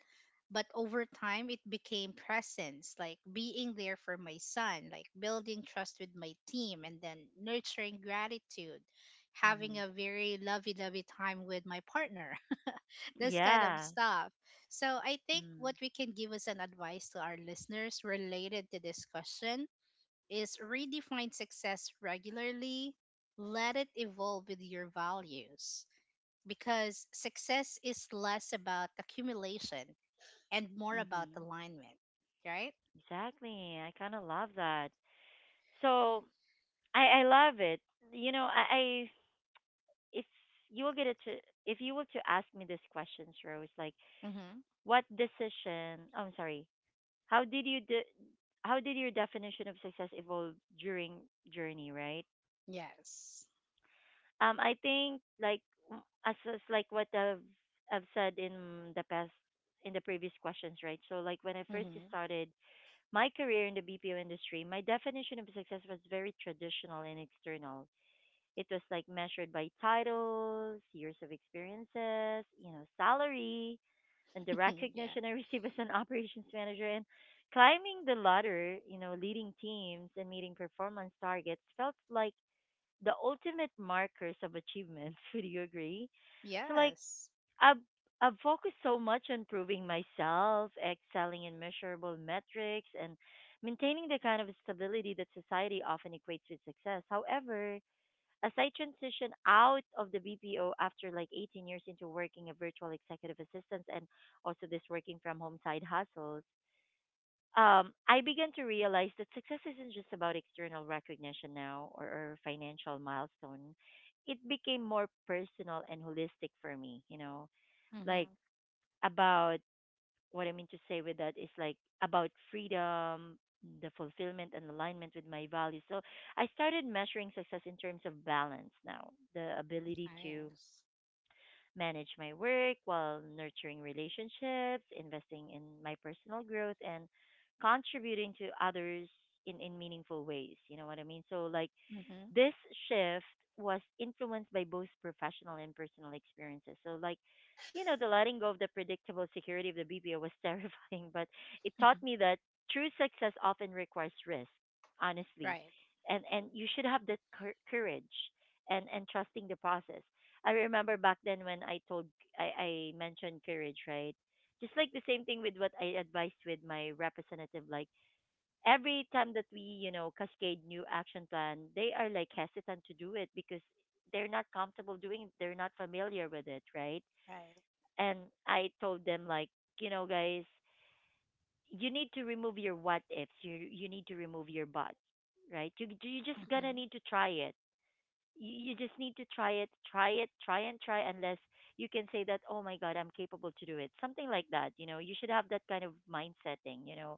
B: But over time, it became presence, like being there for my son, like building trust with my team, and then nurturing gratitude, having
A: Mhm.
B: a very lovey dovey time with my partner. This kind of
A: Yeah.
B: stuff. So I think
A: Mm.
B: what we can give as an advice to our listeners related to this question is redefine success regularly, let it evolve with your values because success is less about accumulation and more about
A: Mhm.
B: alignment, right?
A: Exactly. I kind of love that. So I love it. You know, I if you will get it to if you were to ask me these questions, Rose, like
B: Mm-hmm.
A: what decision? Oh, I'm sorry. How did you how did your definition of success evolve during journey, right?
B: Yes.
A: I think like as like what I've said in the past in the previous questions, right? So like when I first
B: Mm-hmm.
A: started my career in the BPO industry, my definition of success was very traditional and external. It was like measured by titles, years of experiences, you know, salary, and the
B: (laughs) Yeah.
A: recognition I (laughs) receive as an operations manager and climbing the ladder, you know, leading teams and meeting performance targets felt like the ultimate markers of achievements. (laughs) Would you agree? So like
B: Yes.
A: I've I've focused so much on proving myself, excelling in measurable metrics, and maintaining the kind of stability that society often equates with success. However, as I transitioned out of the BPO after like 18 years into working a virtual executive assistant and also this working from home side hustles, I began to realize that success isn't just about external recognition now or financial milestone. It became more personal and holistic for me, you know, like
B: Mm-hmm.
A: about what I mean to say with that is like about freedom, the fulfillment and alignment with my values. So I started measuring success in terms of balance now, the ability to
B: Yes.
A: manage my work while nurturing relationships, investing in my personal growth, and contributing to others in meaningful ways. You know what I mean? So, like,
B: Mm-hmm.
A: this shift was influenced by both professional and personal experiences. So, like, you know, the letting go of the predictable security of the BPO was (laughs) terrifying, but it taught
B: (laughs)
A: me that true success often requires risk, honestly.
B: Right.
A: And you should have that courage and trusting the process. I remember back then when I told I mentioned courage, right? Just like the same thing with what I advised with my representative, like every time that we, you know, cascade new action plan, they are like hesitant to do it because they're not comfortable doing it. They're not familiar with it, right?
B: Right.
A: And I told them like, you know, guys, you need to remove your what ifs. You need to remove your buts, right? You just gonna need
B: Mm-hmm.
A: to try it, you just need to try it, try it, try and try unless you can say that, oh my God, I'm capable to do it. Something like that. You know, you should have that kind of mind setting, you know.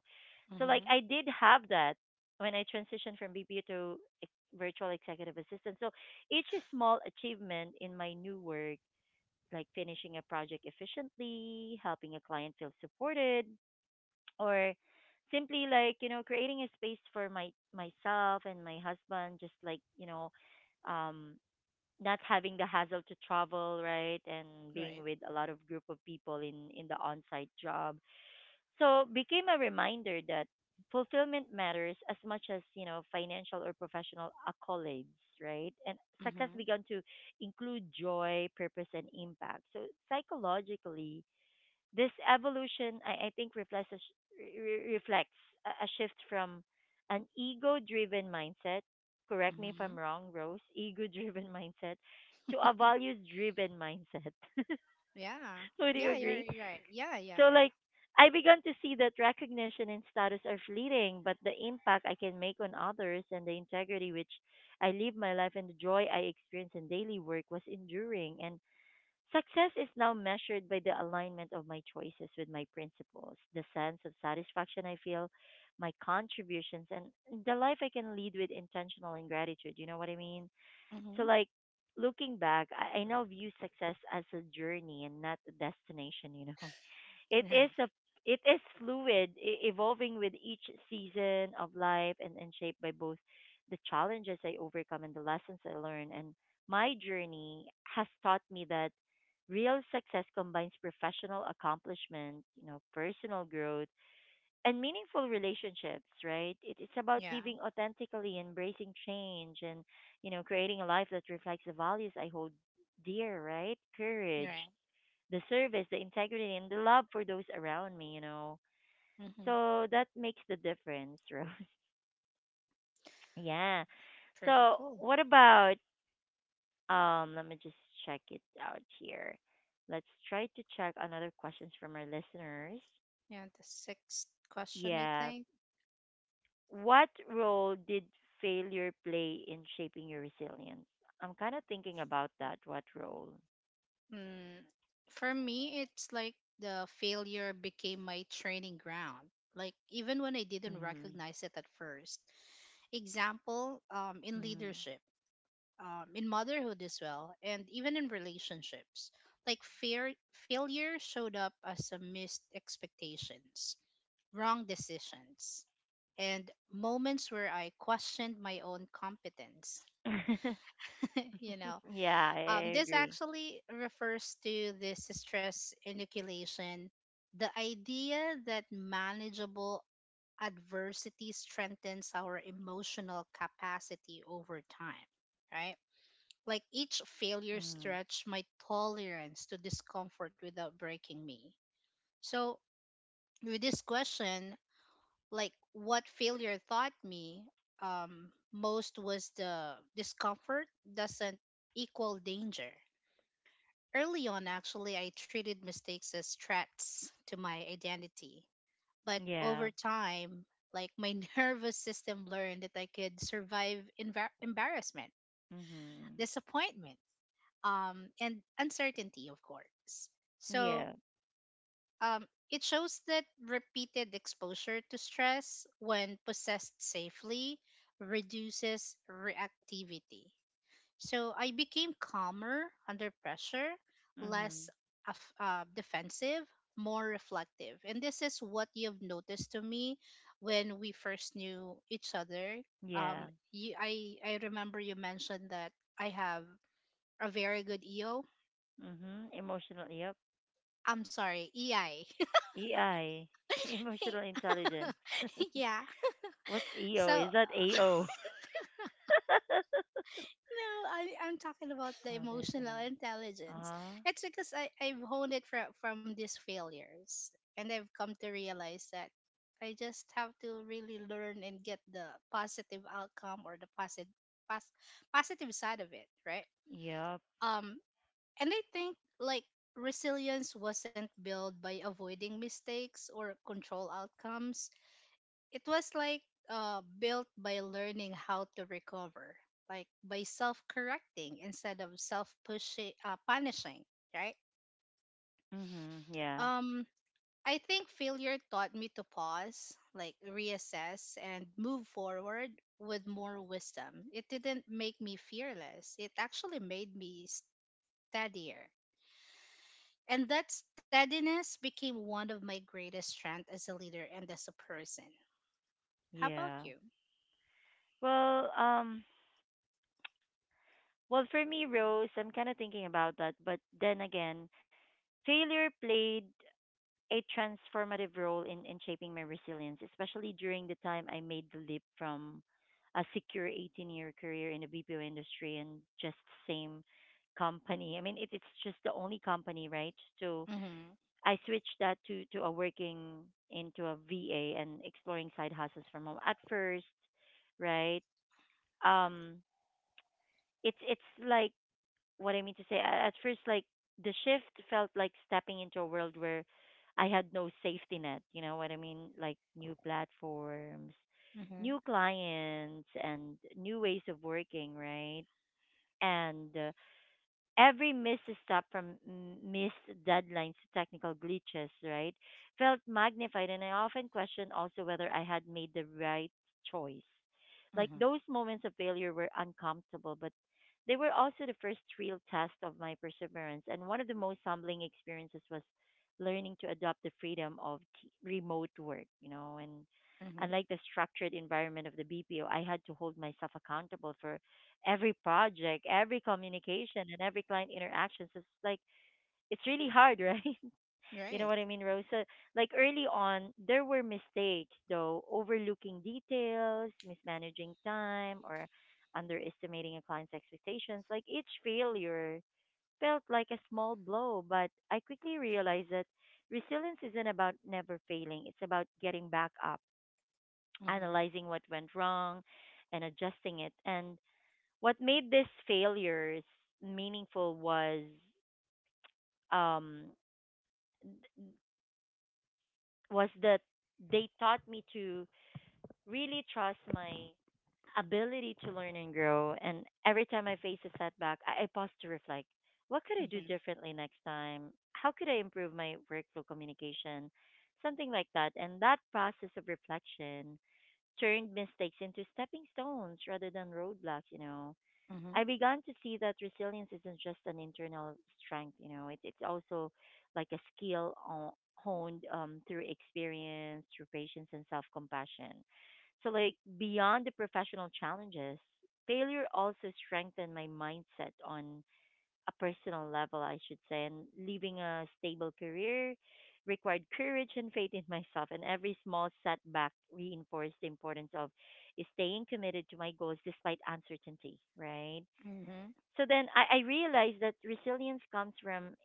A: So, like,
B: Mm-hmm.
A: I did have that when I transitioned from BPO to ex- virtual executive assistant. So, each small achievement in my new work, like finishing a project efficiently, helping a client feel supported, or simply like, you know, creating a space for my myself and my husband, just like, you know, um not having the hassle to travel, right, and being
B: Right.
A: with a lot of group of people in the on-site job. So became a reminder that fulfillment matters as much as, you know, financial or professional accolades, right? And success
B: Mm-hmm.
A: began to include joy, purpose, and impact. So psychologically, this evolution, I think, reflects reflects a shift from an ego-driven mindset. Correct me if I'm
B: Mm-hmm.
A: wrong, Rose. Ego-driven (laughs) mindset to a values-driven mindset. (laughs)
B: Yeah.
A: Would you
B: Yeah, you're
A: agree?
B: right. Yeah, yeah,
A: So
B: yeah.
A: like I began to see that recognition and status are fleeting, but the impact I can make on others and the integrity which I live my life and the joy I experience in daily work was enduring. And success is now measured by the alignment of my choices with my principles, the sense of satisfaction I feel, my contributions, and the life I can lead with intentional and gratitude. You know what I mean? So,
B: Mm-hmm.
A: like, looking back, I now view success as a journey and not a destination, you know? It
B: Right.
A: is a it is fluid, evolving with each season of life and shaped by both the challenges I overcome and the lessons I learn. And my journey has taught me that real success combines professional accomplishment, you know, personal growth and meaningful relationships, right? It's about
B: Yeah,
A: living authentically, embracing change and, you know, creating a life that reflects the values I hold dear, right?
B: you're
A: Courage,
B: right.
A: the service, the integrity, and the love for those around me, you know.
B: Mm-hmm.
A: So that makes the difference, (laughs) Rose. Yeah.
B: Pretty
A: So
B: cool.
A: what about, let me just check it out here. Let's try to check another questions from our listeners.
B: Yeah, the sixth question, I
A: Yeah.
B: think.
A: What role did failure play in shaping your resilience? I'm kind of thinking about that. What role?
B: Mm, for me, it's like the failure became my training ground. Like, even when I didn't
A: Mhm.
B: recognize it at first. Example, in
A: Mhm.
B: leadership, in motherhood as well, and even in relationships. Like, failure showed up as a missed expectations, wrong decisions, and moments where I questioned my own competence.
A: (laughs)
B: (laughs) you know,
A: Yeah, I I
B: this
A: agree.
B: actually refers to this stress inoculation, the idea that manageable adversity strengthens our emotional capacity over time, right? Like each failure
A: Mhm.
B: stretched my tolerance to discomfort without breaking me. So, with this question, like what failure taught me most was the discomfort doesn't equal danger. Early on, actually, I treated mistakes as threats to my identity. But
A: Yeah.
B: over time, like my (laughs) nervous system learned that I could survive embarrassment,
A: Mhm.
B: disappointment, and uncertainty, of course. So
A: Yeah.
B: Um, it shows that repeated exposure to stress, when possessed safely, reduces reactivity. So I became calmer under pressure,
A: Mhm.
B: less defensive, more reflective. And this is what you've noticed to me when we first knew each other. Um,
A: Yeah.
B: you, I, I remember you mentioned that I have a very good EO.
A: Mhm. Emotional. Yep.
B: I'm sorry, EI.
A: EI. (laughs) Emotional intelligence. (laughs)
B: (laughs) Yeah.
A: What's EO?
B: So,
A: Is that AO? (laughs)
B: no, I'm talking about the
A: Oh, there's
B: emotional
A: another. Uh
B: intelligence.
A: huh.
B: It's because I've honed it from these failures. And I've come to realize that I just have to really learn and get the positive outcome or the pos- positive side of it, right?
A: Yep.
B: Um, and I think like resilience wasn't built by avoiding mistakes or control outcomes, it was like built by learning how to recover, like by self correcting instead of self pushing, punishing, right?
A: Mhm. Yeah.
B: Um, I think failure taught me to pause, like reassess, and move forward with more wisdom. It didn't make me fearless, it actually made me steadier. And that steadiness became one of my greatest strengths as a leader and as a person. How about
A: Yeah.
B: you?
A: Well, um, well for me, Rose, I'm kind of thinking about that, but then again, failure played a transformative role in shaping my resilience, especially during the time I made the leap from a secure 18-year year career in the BPO industry and just same company. I mean, it's just the only company, right? So
B: Mm-hmm.
A: I switched that to a working into a VA and exploring side hustles from home at first, right? Um, it's like what I mean to say, at first, like the shift felt like stepping into a world where I had no safety net. You know what I mean? Like new platforms,
B: Mm-hmm.
A: new clients, and new ways of working, right? And every misstep, from missed deadlines to technical glitches, right, felt magnified, and I often questioned also whether I had made the right choice. Like
B: Mm-hmm.
A: those moments of failure were uncomfortable, but they were also the first real test of my perseverance. And one of the most humbling experiences was learning to adopt the freedom of remote work, you know, and
B: Mm-hmm.
A: unlike the structured environment of the BPO, I had to hold myself accountable for every project, every communication, and every client interaction. So it's like it's really hard, (laughs) right? You know
B: Right.
A: what I mean, Rose? So like early on, there were mistakes though, overlooking details, mismanaging time, or underestimating a client's expectations. Like each failure felt like a small blow, but I quickly realized that resilience isn't about never failing. It's about getting back up,
B: Mhm.
A: analyzing what went wrong, and adjusting it. And what made these failures meaningful was um that they taught me to really trust my ability to learn and grow. And every time I face a setback, I pause to reflect. What could I do
B: Mhm.
A: differently next time? How could I improve my workflow communication? Something like that. And that process of reflection turned mistakes into stepping stones rather than roadblocks, you know. I
B: Mhm.
A: began to see that resilience isn't just an internal strength, you know, it's also like a skill honed through experience, through patience and self compassion. So like beyond the professional challenges, failure also strengthened my mindset on a personal level, I should say. And leaving a stable career required courage and faith in myself. And every small setback reinforced the importance of staying committed to my goals despite uncertainty, right?
B: Mhm.
A: So then I realized that resilience comes from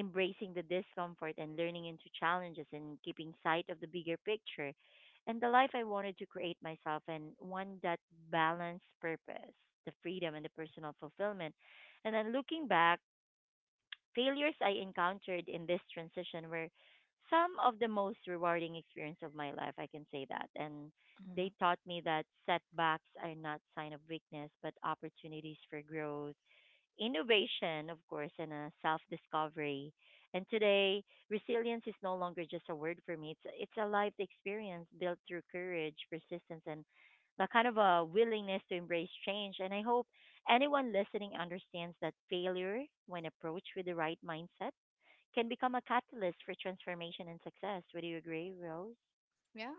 A: embracing the discomfort and learning into challenges and keeping sight of the bigger picture and the life I wanted to create myself and one that balanced purpose, the freedom, and the personal fulfillment. And then looking back, failures I encountered in this transition were some of the most rewarding experience of my life, I can say that. And they
B: Mhm.
A: taught me that setbacks are not sign of weakness but opportunities for growth innovation, of course, and a self discovery. And today, resilience is no longer just a word for me. It's a life experience built through courage, persistence, and that kind of a willingness to embrace change. And I hope anyone listening understands that failure, when approached with the right mindset, can become a catalyst for transformation and success. Would you agree, Rose?
B: Yeah.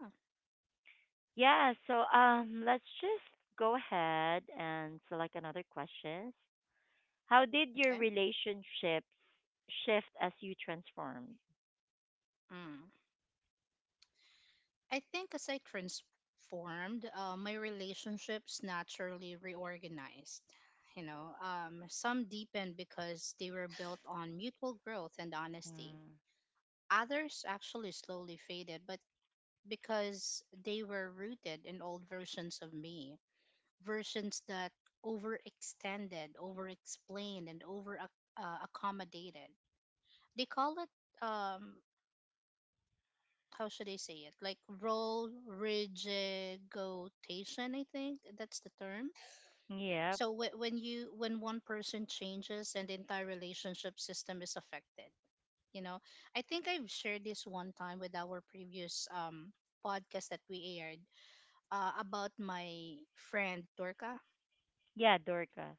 A: Yeah, so let's just go ahead and select another question. How did your
B: Okay.
A: relationships shift as you transformed?
B: Mm. I think as I transformed, my relationships naturally reorganized. Some deepened because they were built on mutual growth and honesty.
A: Mm.
B: Others actually slowly faded, but because they were rooted in old versions of me, versions that overextended, overexplained, and over accommodated, they call it, how should I say it? Like role rigigotation, I think that's the term.
A: Yep.
B: So when one person changes, an entire relationship system is affected. You know, I think I've shared this one time with our previous podcast that we aired, about my friend Turka.
A: Yeah, Dorcas.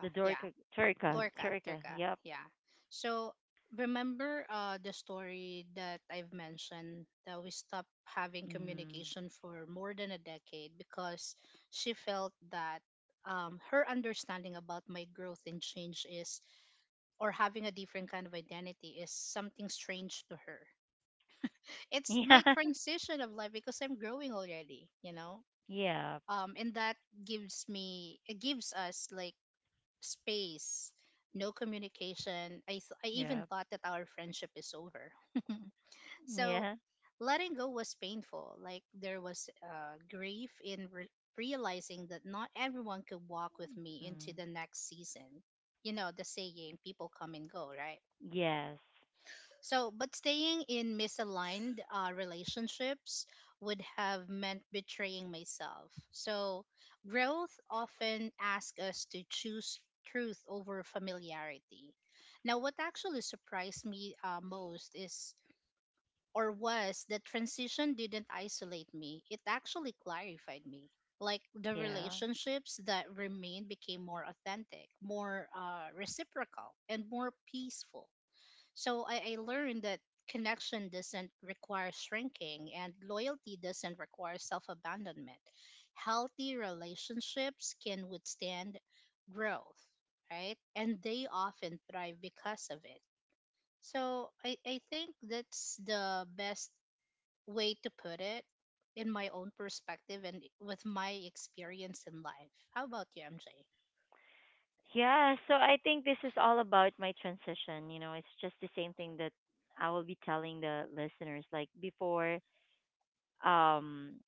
A: The
B: yeah.
A: Dorca Turca.
B: Torca,
A: Turca.
B: Torca,
A: Yep.
B: yeah. So remember, the story that I've mentioned that we stopped having
A: Mm. (laughs)
B: communication for more than a decade because she felt that, her understanding about my growth and change is, or having a different kind of identity is something strange to her. It's
A: Yeah.
B: my transition of life because I'm growing already.
A: Yep.
B: And that gives me, it gives us like space, no communication. I
A: Yep.
B: even thought that our friendship is over. (laughs) So
A: Yeah.
B: letting go was painful. Like there was, grief in realizing that not everyone could walk with me
A: Mm.
B: into the next season. You know, the saying, people come and go, right?
A: Yes.
B: So, but staying in misaligned, relationships would have meant betraying myself. So, growth often asks us to choose truth over familiarity. Now, what actually surprised me, most is, or was, that transition didn't isolate me, it actually clarified me. Like the
A: Yeah.
B: relationships that remained became more authentic, more, reciprocal, and more peaceful, so I learned that connection doesn't require shrinking and loyalty doesn't require self abandonment. Healthy relationships can withstand growth, right? And they often thrive because of it. So I think that's the best way to put it in my own perspective and with my experience in life. How about you, MJ?
A: Yeah. So I think this is all about my transition. You know, it's just the same thing that I will be telling the listeners. Like before, um,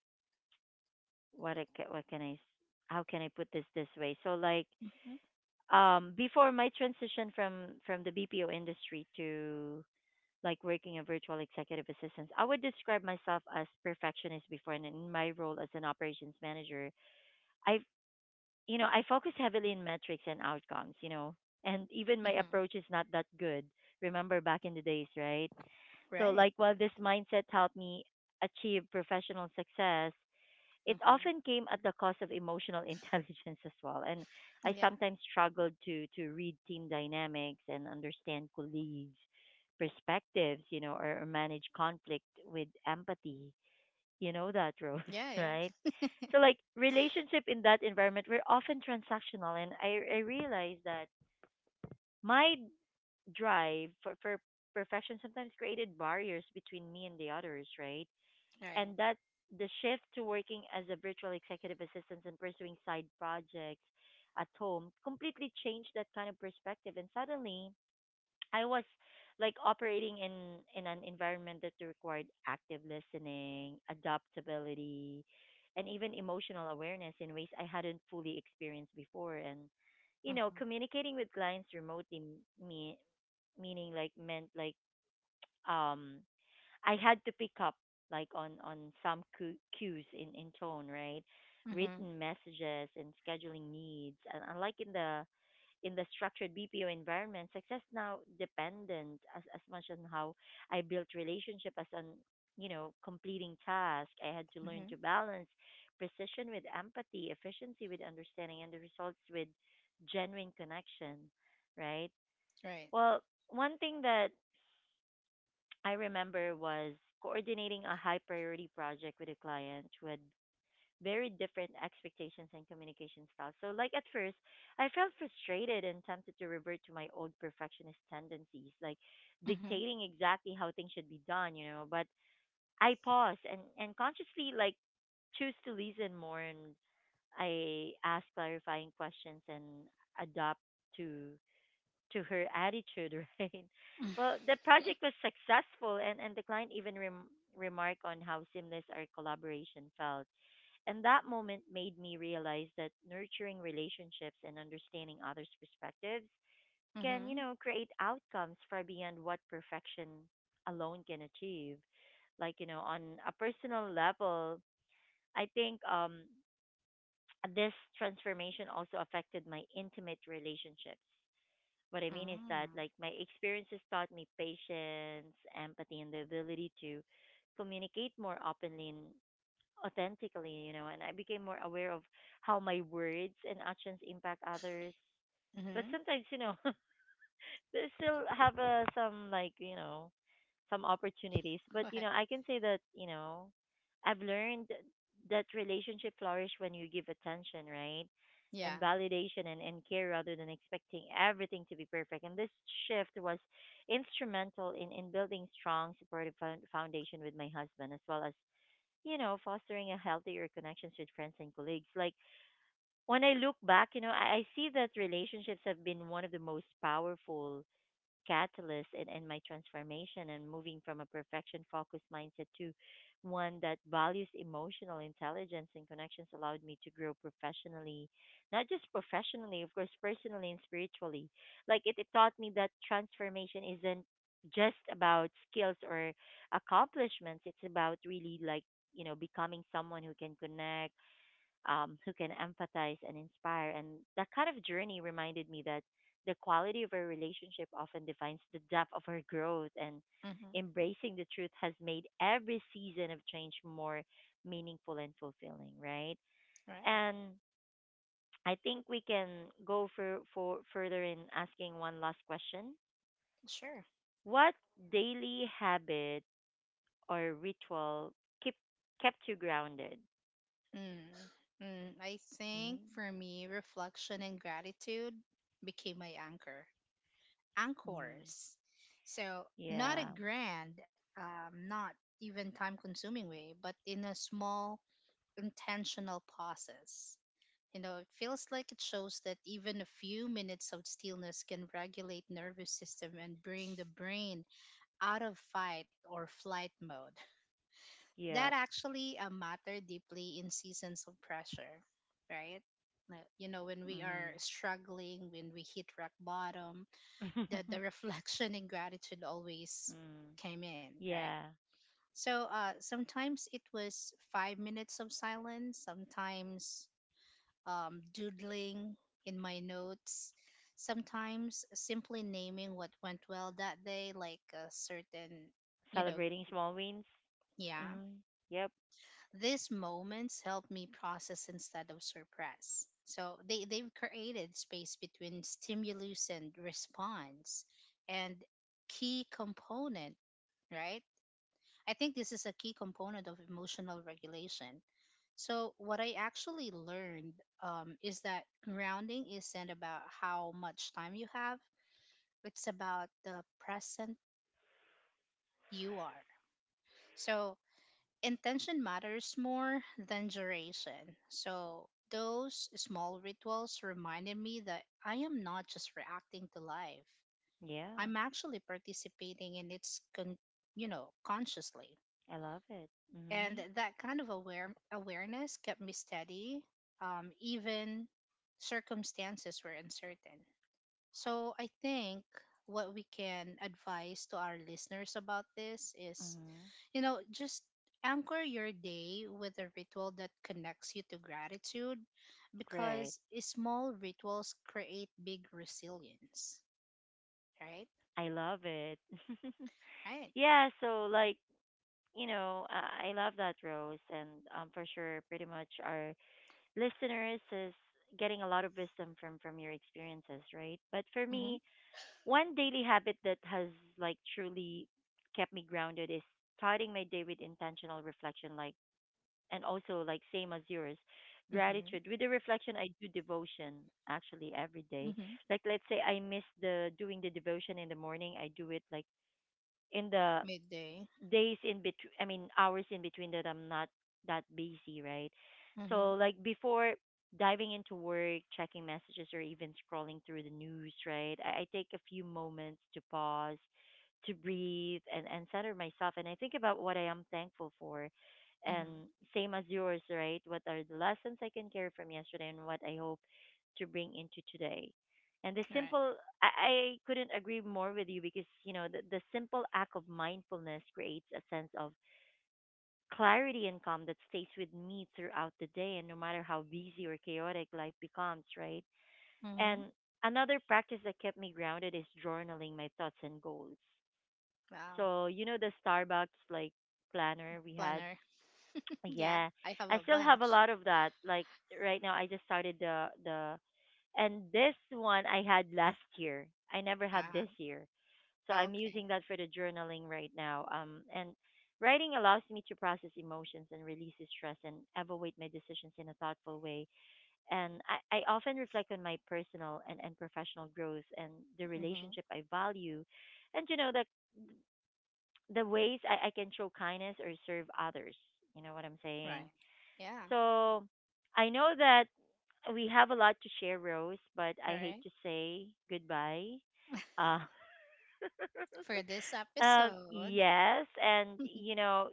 A: what I what can how can I put this this way? So like
B: Mm-hmm.
A: before my transition from the BPO industry to like working a virtual executive assistant, I would describe myself as perfectionist before and in my role as an operations manager, I you know, I focus heavily in metrics and outcomes, you know. And even my
B: Mm-hmm.
A: approach is not that good. Remember back in the days, right? So
B: Right.
A: like while this mindset helped me achieve professional success, it
B: Mm-hmm.
A: often came at the cost of emotional (laughs) intelligence as well. And I
B: Yeah.
A: sometimes struggled to read team dynamics and understand colleagues' perspectives, you know, or manage conflict with empathy. You know that, Rose,
B: Yeah,
A: (laughs) right?
B: yeah.
A: So like relationship in that environment were often transactional, and I realized that my drive for perfection sometimes created barriers between me and the others, right?
B: Right.
A: And that the shift to working as a virtual executive assistant and pursuing side projects at home completely changed that kind of perspective and suddenly I was like operating in an environment that required active listening adaptability and even emotional awareness in ways I hadn't fully experienced before and you know
B: Mm-hmm.
A: communicating with clients remotely m- me meaning like meant like um I had to pick up like on some cues in tone, right?
B: Mm-hmm.
A: Written messages and scheduling needs, and unlike in the structured BPO environment, success now dependent as much on how I built relationship as on you know completing task. I had to learn
B: Mm-hmm.
A: to balance precision with empathy, efficiency with understanding, and the results with genuine connection, right?
B: Right.
A: Well, one thing that I remember was coordinating a high priority project with a client with very different expectations and communication styles. So, like at first, I felt frustrated and tempted to revert to my old perfectionist tendencies, like
B: Mm-hmm.
A: dictating exactly how things should be done, you know. But I paused and consciously, like, choose to listen more and I ask clarifying questions and adapt to to her attitude, (laughs) right? Well, the project was successful, and the client even remarked on how seamless our collaboration felt. And that moment made me realize that nurturing relationships and understanding others' perspectives can,
B: Mm-hmm.
A: you know, create outcomes far beyond what perfection alone can achieve. Like, you know, on a personal level, I think this transformation also affected my intimate relationships what I mean is that
B: Mm-hmm.
A: like my experiences taught me patience, empathy, and the ability to communicate more openly and authentically, you know, and I became more aware of how my words and actions impact others. But
B: Mm-hmm.
A: sometimes, you know, (laughs) they still have some like, you know, some opportunities. But you
B: Okay.
A: know, I can say that you know, I've learned that relationship flourish when you give attention, right? And
B: Yeah.
A: validation and care rather than expecting everything to be perfect. And this shift was instrumental in building strong supportive foundation with my husband, as well as, you know, fostering a healthier connections with friends and colleagues. Like when I look back, you know, I see that relationships have been one of the most powerful catalyst in my transformation and moving from a perfection focused mindset to one that values emotional intelligence and connections allowed me to grow professionally not just professionally of course personally and spiritually like it taught me that transformation isn't just about skills or accomplishments it's about really like you know becoming someone who can connect who can empathize and inspire. And that kind of journey reminded me that the quality of our relationship often defines the depth of our growth. And
B: Mm-hmm.
A: embracing the truth has made every season of change more meaningful and fulfilling, right?
B: Right.
A: And I think we can go for further in asking one last question.
B: Sure.
A: What daily habit or ritual keep kept you grounded?
B: Mm. Mm. I think
A: Mm,
B: for me, reflection and gratitude became my anchor,
A: mm,
B: anchors. So not a
A: yeah,
B: grand, not even time-consuming way, but in a small, intentional process. It feels like it shows that even a few minutes of stillness can regulate nervous system and bring the brain out of fight or flight mode.
A: yeah.
B: That actually, matter deeply in seasons of pressure, right? Like, when we are
A: Mm.
B: struggling, when we hit rock bottom, the (laughs)
A: (laughs)
B: reflection and gratitude always
A: mm,
B: came in, right?
A: yeah.
B: So, sometimes it was 5 minutes of silence, sometimes, doodling in my notes, sometimes simply naming what went well that day, like a certain, you know,
A: Celebrating small wins.
B: yeah.
A: Mm, yep.
B: These moments help me process instead of suppress. So they've created space between stimulus and response, and key component, right? I think this is a key component of emotional regulation. So, what I actually learned, is that grounding isn't about how much time you have, it's about the present you are. So, intention matters more than duration. So, those small rituals reminded me that I am not just reacting to life.
A: Yeah.
B: I'm actually participating in its, consciously.
A: I love it.
B: And
A: Mhm.
B: that kind of awareness kept me steady, even circumstances were uncertain. So I think what we can advise to our listeners about this is,
A: Mhm.
B: just anchor your day with a ritual that connects you to gratitude because
A: Great.
B: small rituals create big resilience, right.
A: I love it. (laughs)
B: Right.
A: yeah, so like, you know, I love that Rose and for sure pretty much our listeners is getting a lot of wisdom from your experiences, right? But for
B: Mm-hmm.
A: me, one daily habit that has like truly kept me grounded is starting my day with intentional reflection like and also like same as yours
B: Mm-hmm.
A: gratitude with the reflection I do devotion actually every day
B: Mm-hmm.
A: like let's say I miss the doing the devotion in the morning I do it like in the
B: Midday.
A: days in between I mean hours in between that I'm not that busy right
B: Mm-hmm.
A: so like before diving into work checking messages or even scrolling through the news right I take a few moments to pause to breathe and center myself and I think about what I am thankful for and
B: Mm-hmm.
A: same as yours right what are the lessons I can carry from yesterday and what I hope to bring into today and the
B: Right.
A: simple, I couldn't agree more with you because, you know, the simple act of mindfulness creates a sense of clarity and calm that stays with me throughout the day and no matter how busy or chaotic life becomes, right?
B: Mm-hmm.
A: And another practice that kept me grounded is journaling my thoughts and goals.
B: Wow,
A: So, you know, the Starbucks like planner we had?
B: planner. Yeah,
A: Yeah.
B: I have
A: I
B: a
A: still have a
B: bunch.
A: lot of that. Like right now I just started the and this one I had last year. I never had
B: Uh-huh.
A: this year. So
B: Oh,
A: I'm
B: okay.
A: using that for the journaling right now. And writing allows me to process emotions and release stress and evaluate my decisions in a thoughtful way. And I often reflect on my personal and professional growth and the
B: Mm-hmm.
A: relationship I value and you know the ways I can show kindness or serve others. You know what I'm
B: Right.
A: saying?
B: Yeah.
A: So I know that we have a lot to share, Rose, but I hate
B: Right.
A: to say goodbye.
B: (laughs)
A: Uh,
B: For this
A: (laughs)
B: episode.
A: yes, and you know,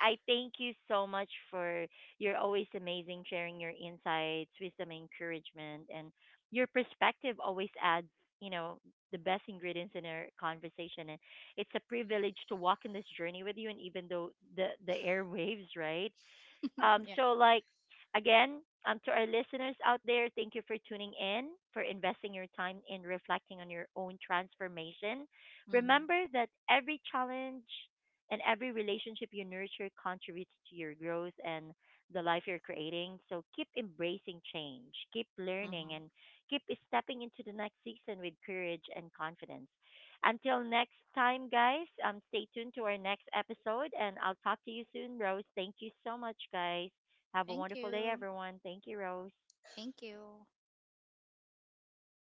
A: I thank you so much for you're always amazing sharing your insights, wisdom, encouragement, and your perspective always adds, you know, the best ingredients in our conversation. And it's a privilege to walk in this journey with you, and even though the airwaves, (laughs) right?
B: (laughs)
A: Um,
B: Yeah.
A: so, like, again, to our listeners out there, thank you for tuning in, for investing your time in reflecting on your own transformation.
B: Mm-hmm.
A: Remember that every challenge and every relationship you nurture contributes to your growth and the life you're creating. So, keep embracing change, keep learning,
B: Mm-hmm.
A: and keep stepping into the next season with courage and confidence. Until next time, guys, stay tuned to our next episode and I'll talk to you soon, Rose. Thank you so much, guys. Have a
B: Thank
A: wonderful day,
B: you.
A: everyone. Thank you, Rose.
B: Thank you.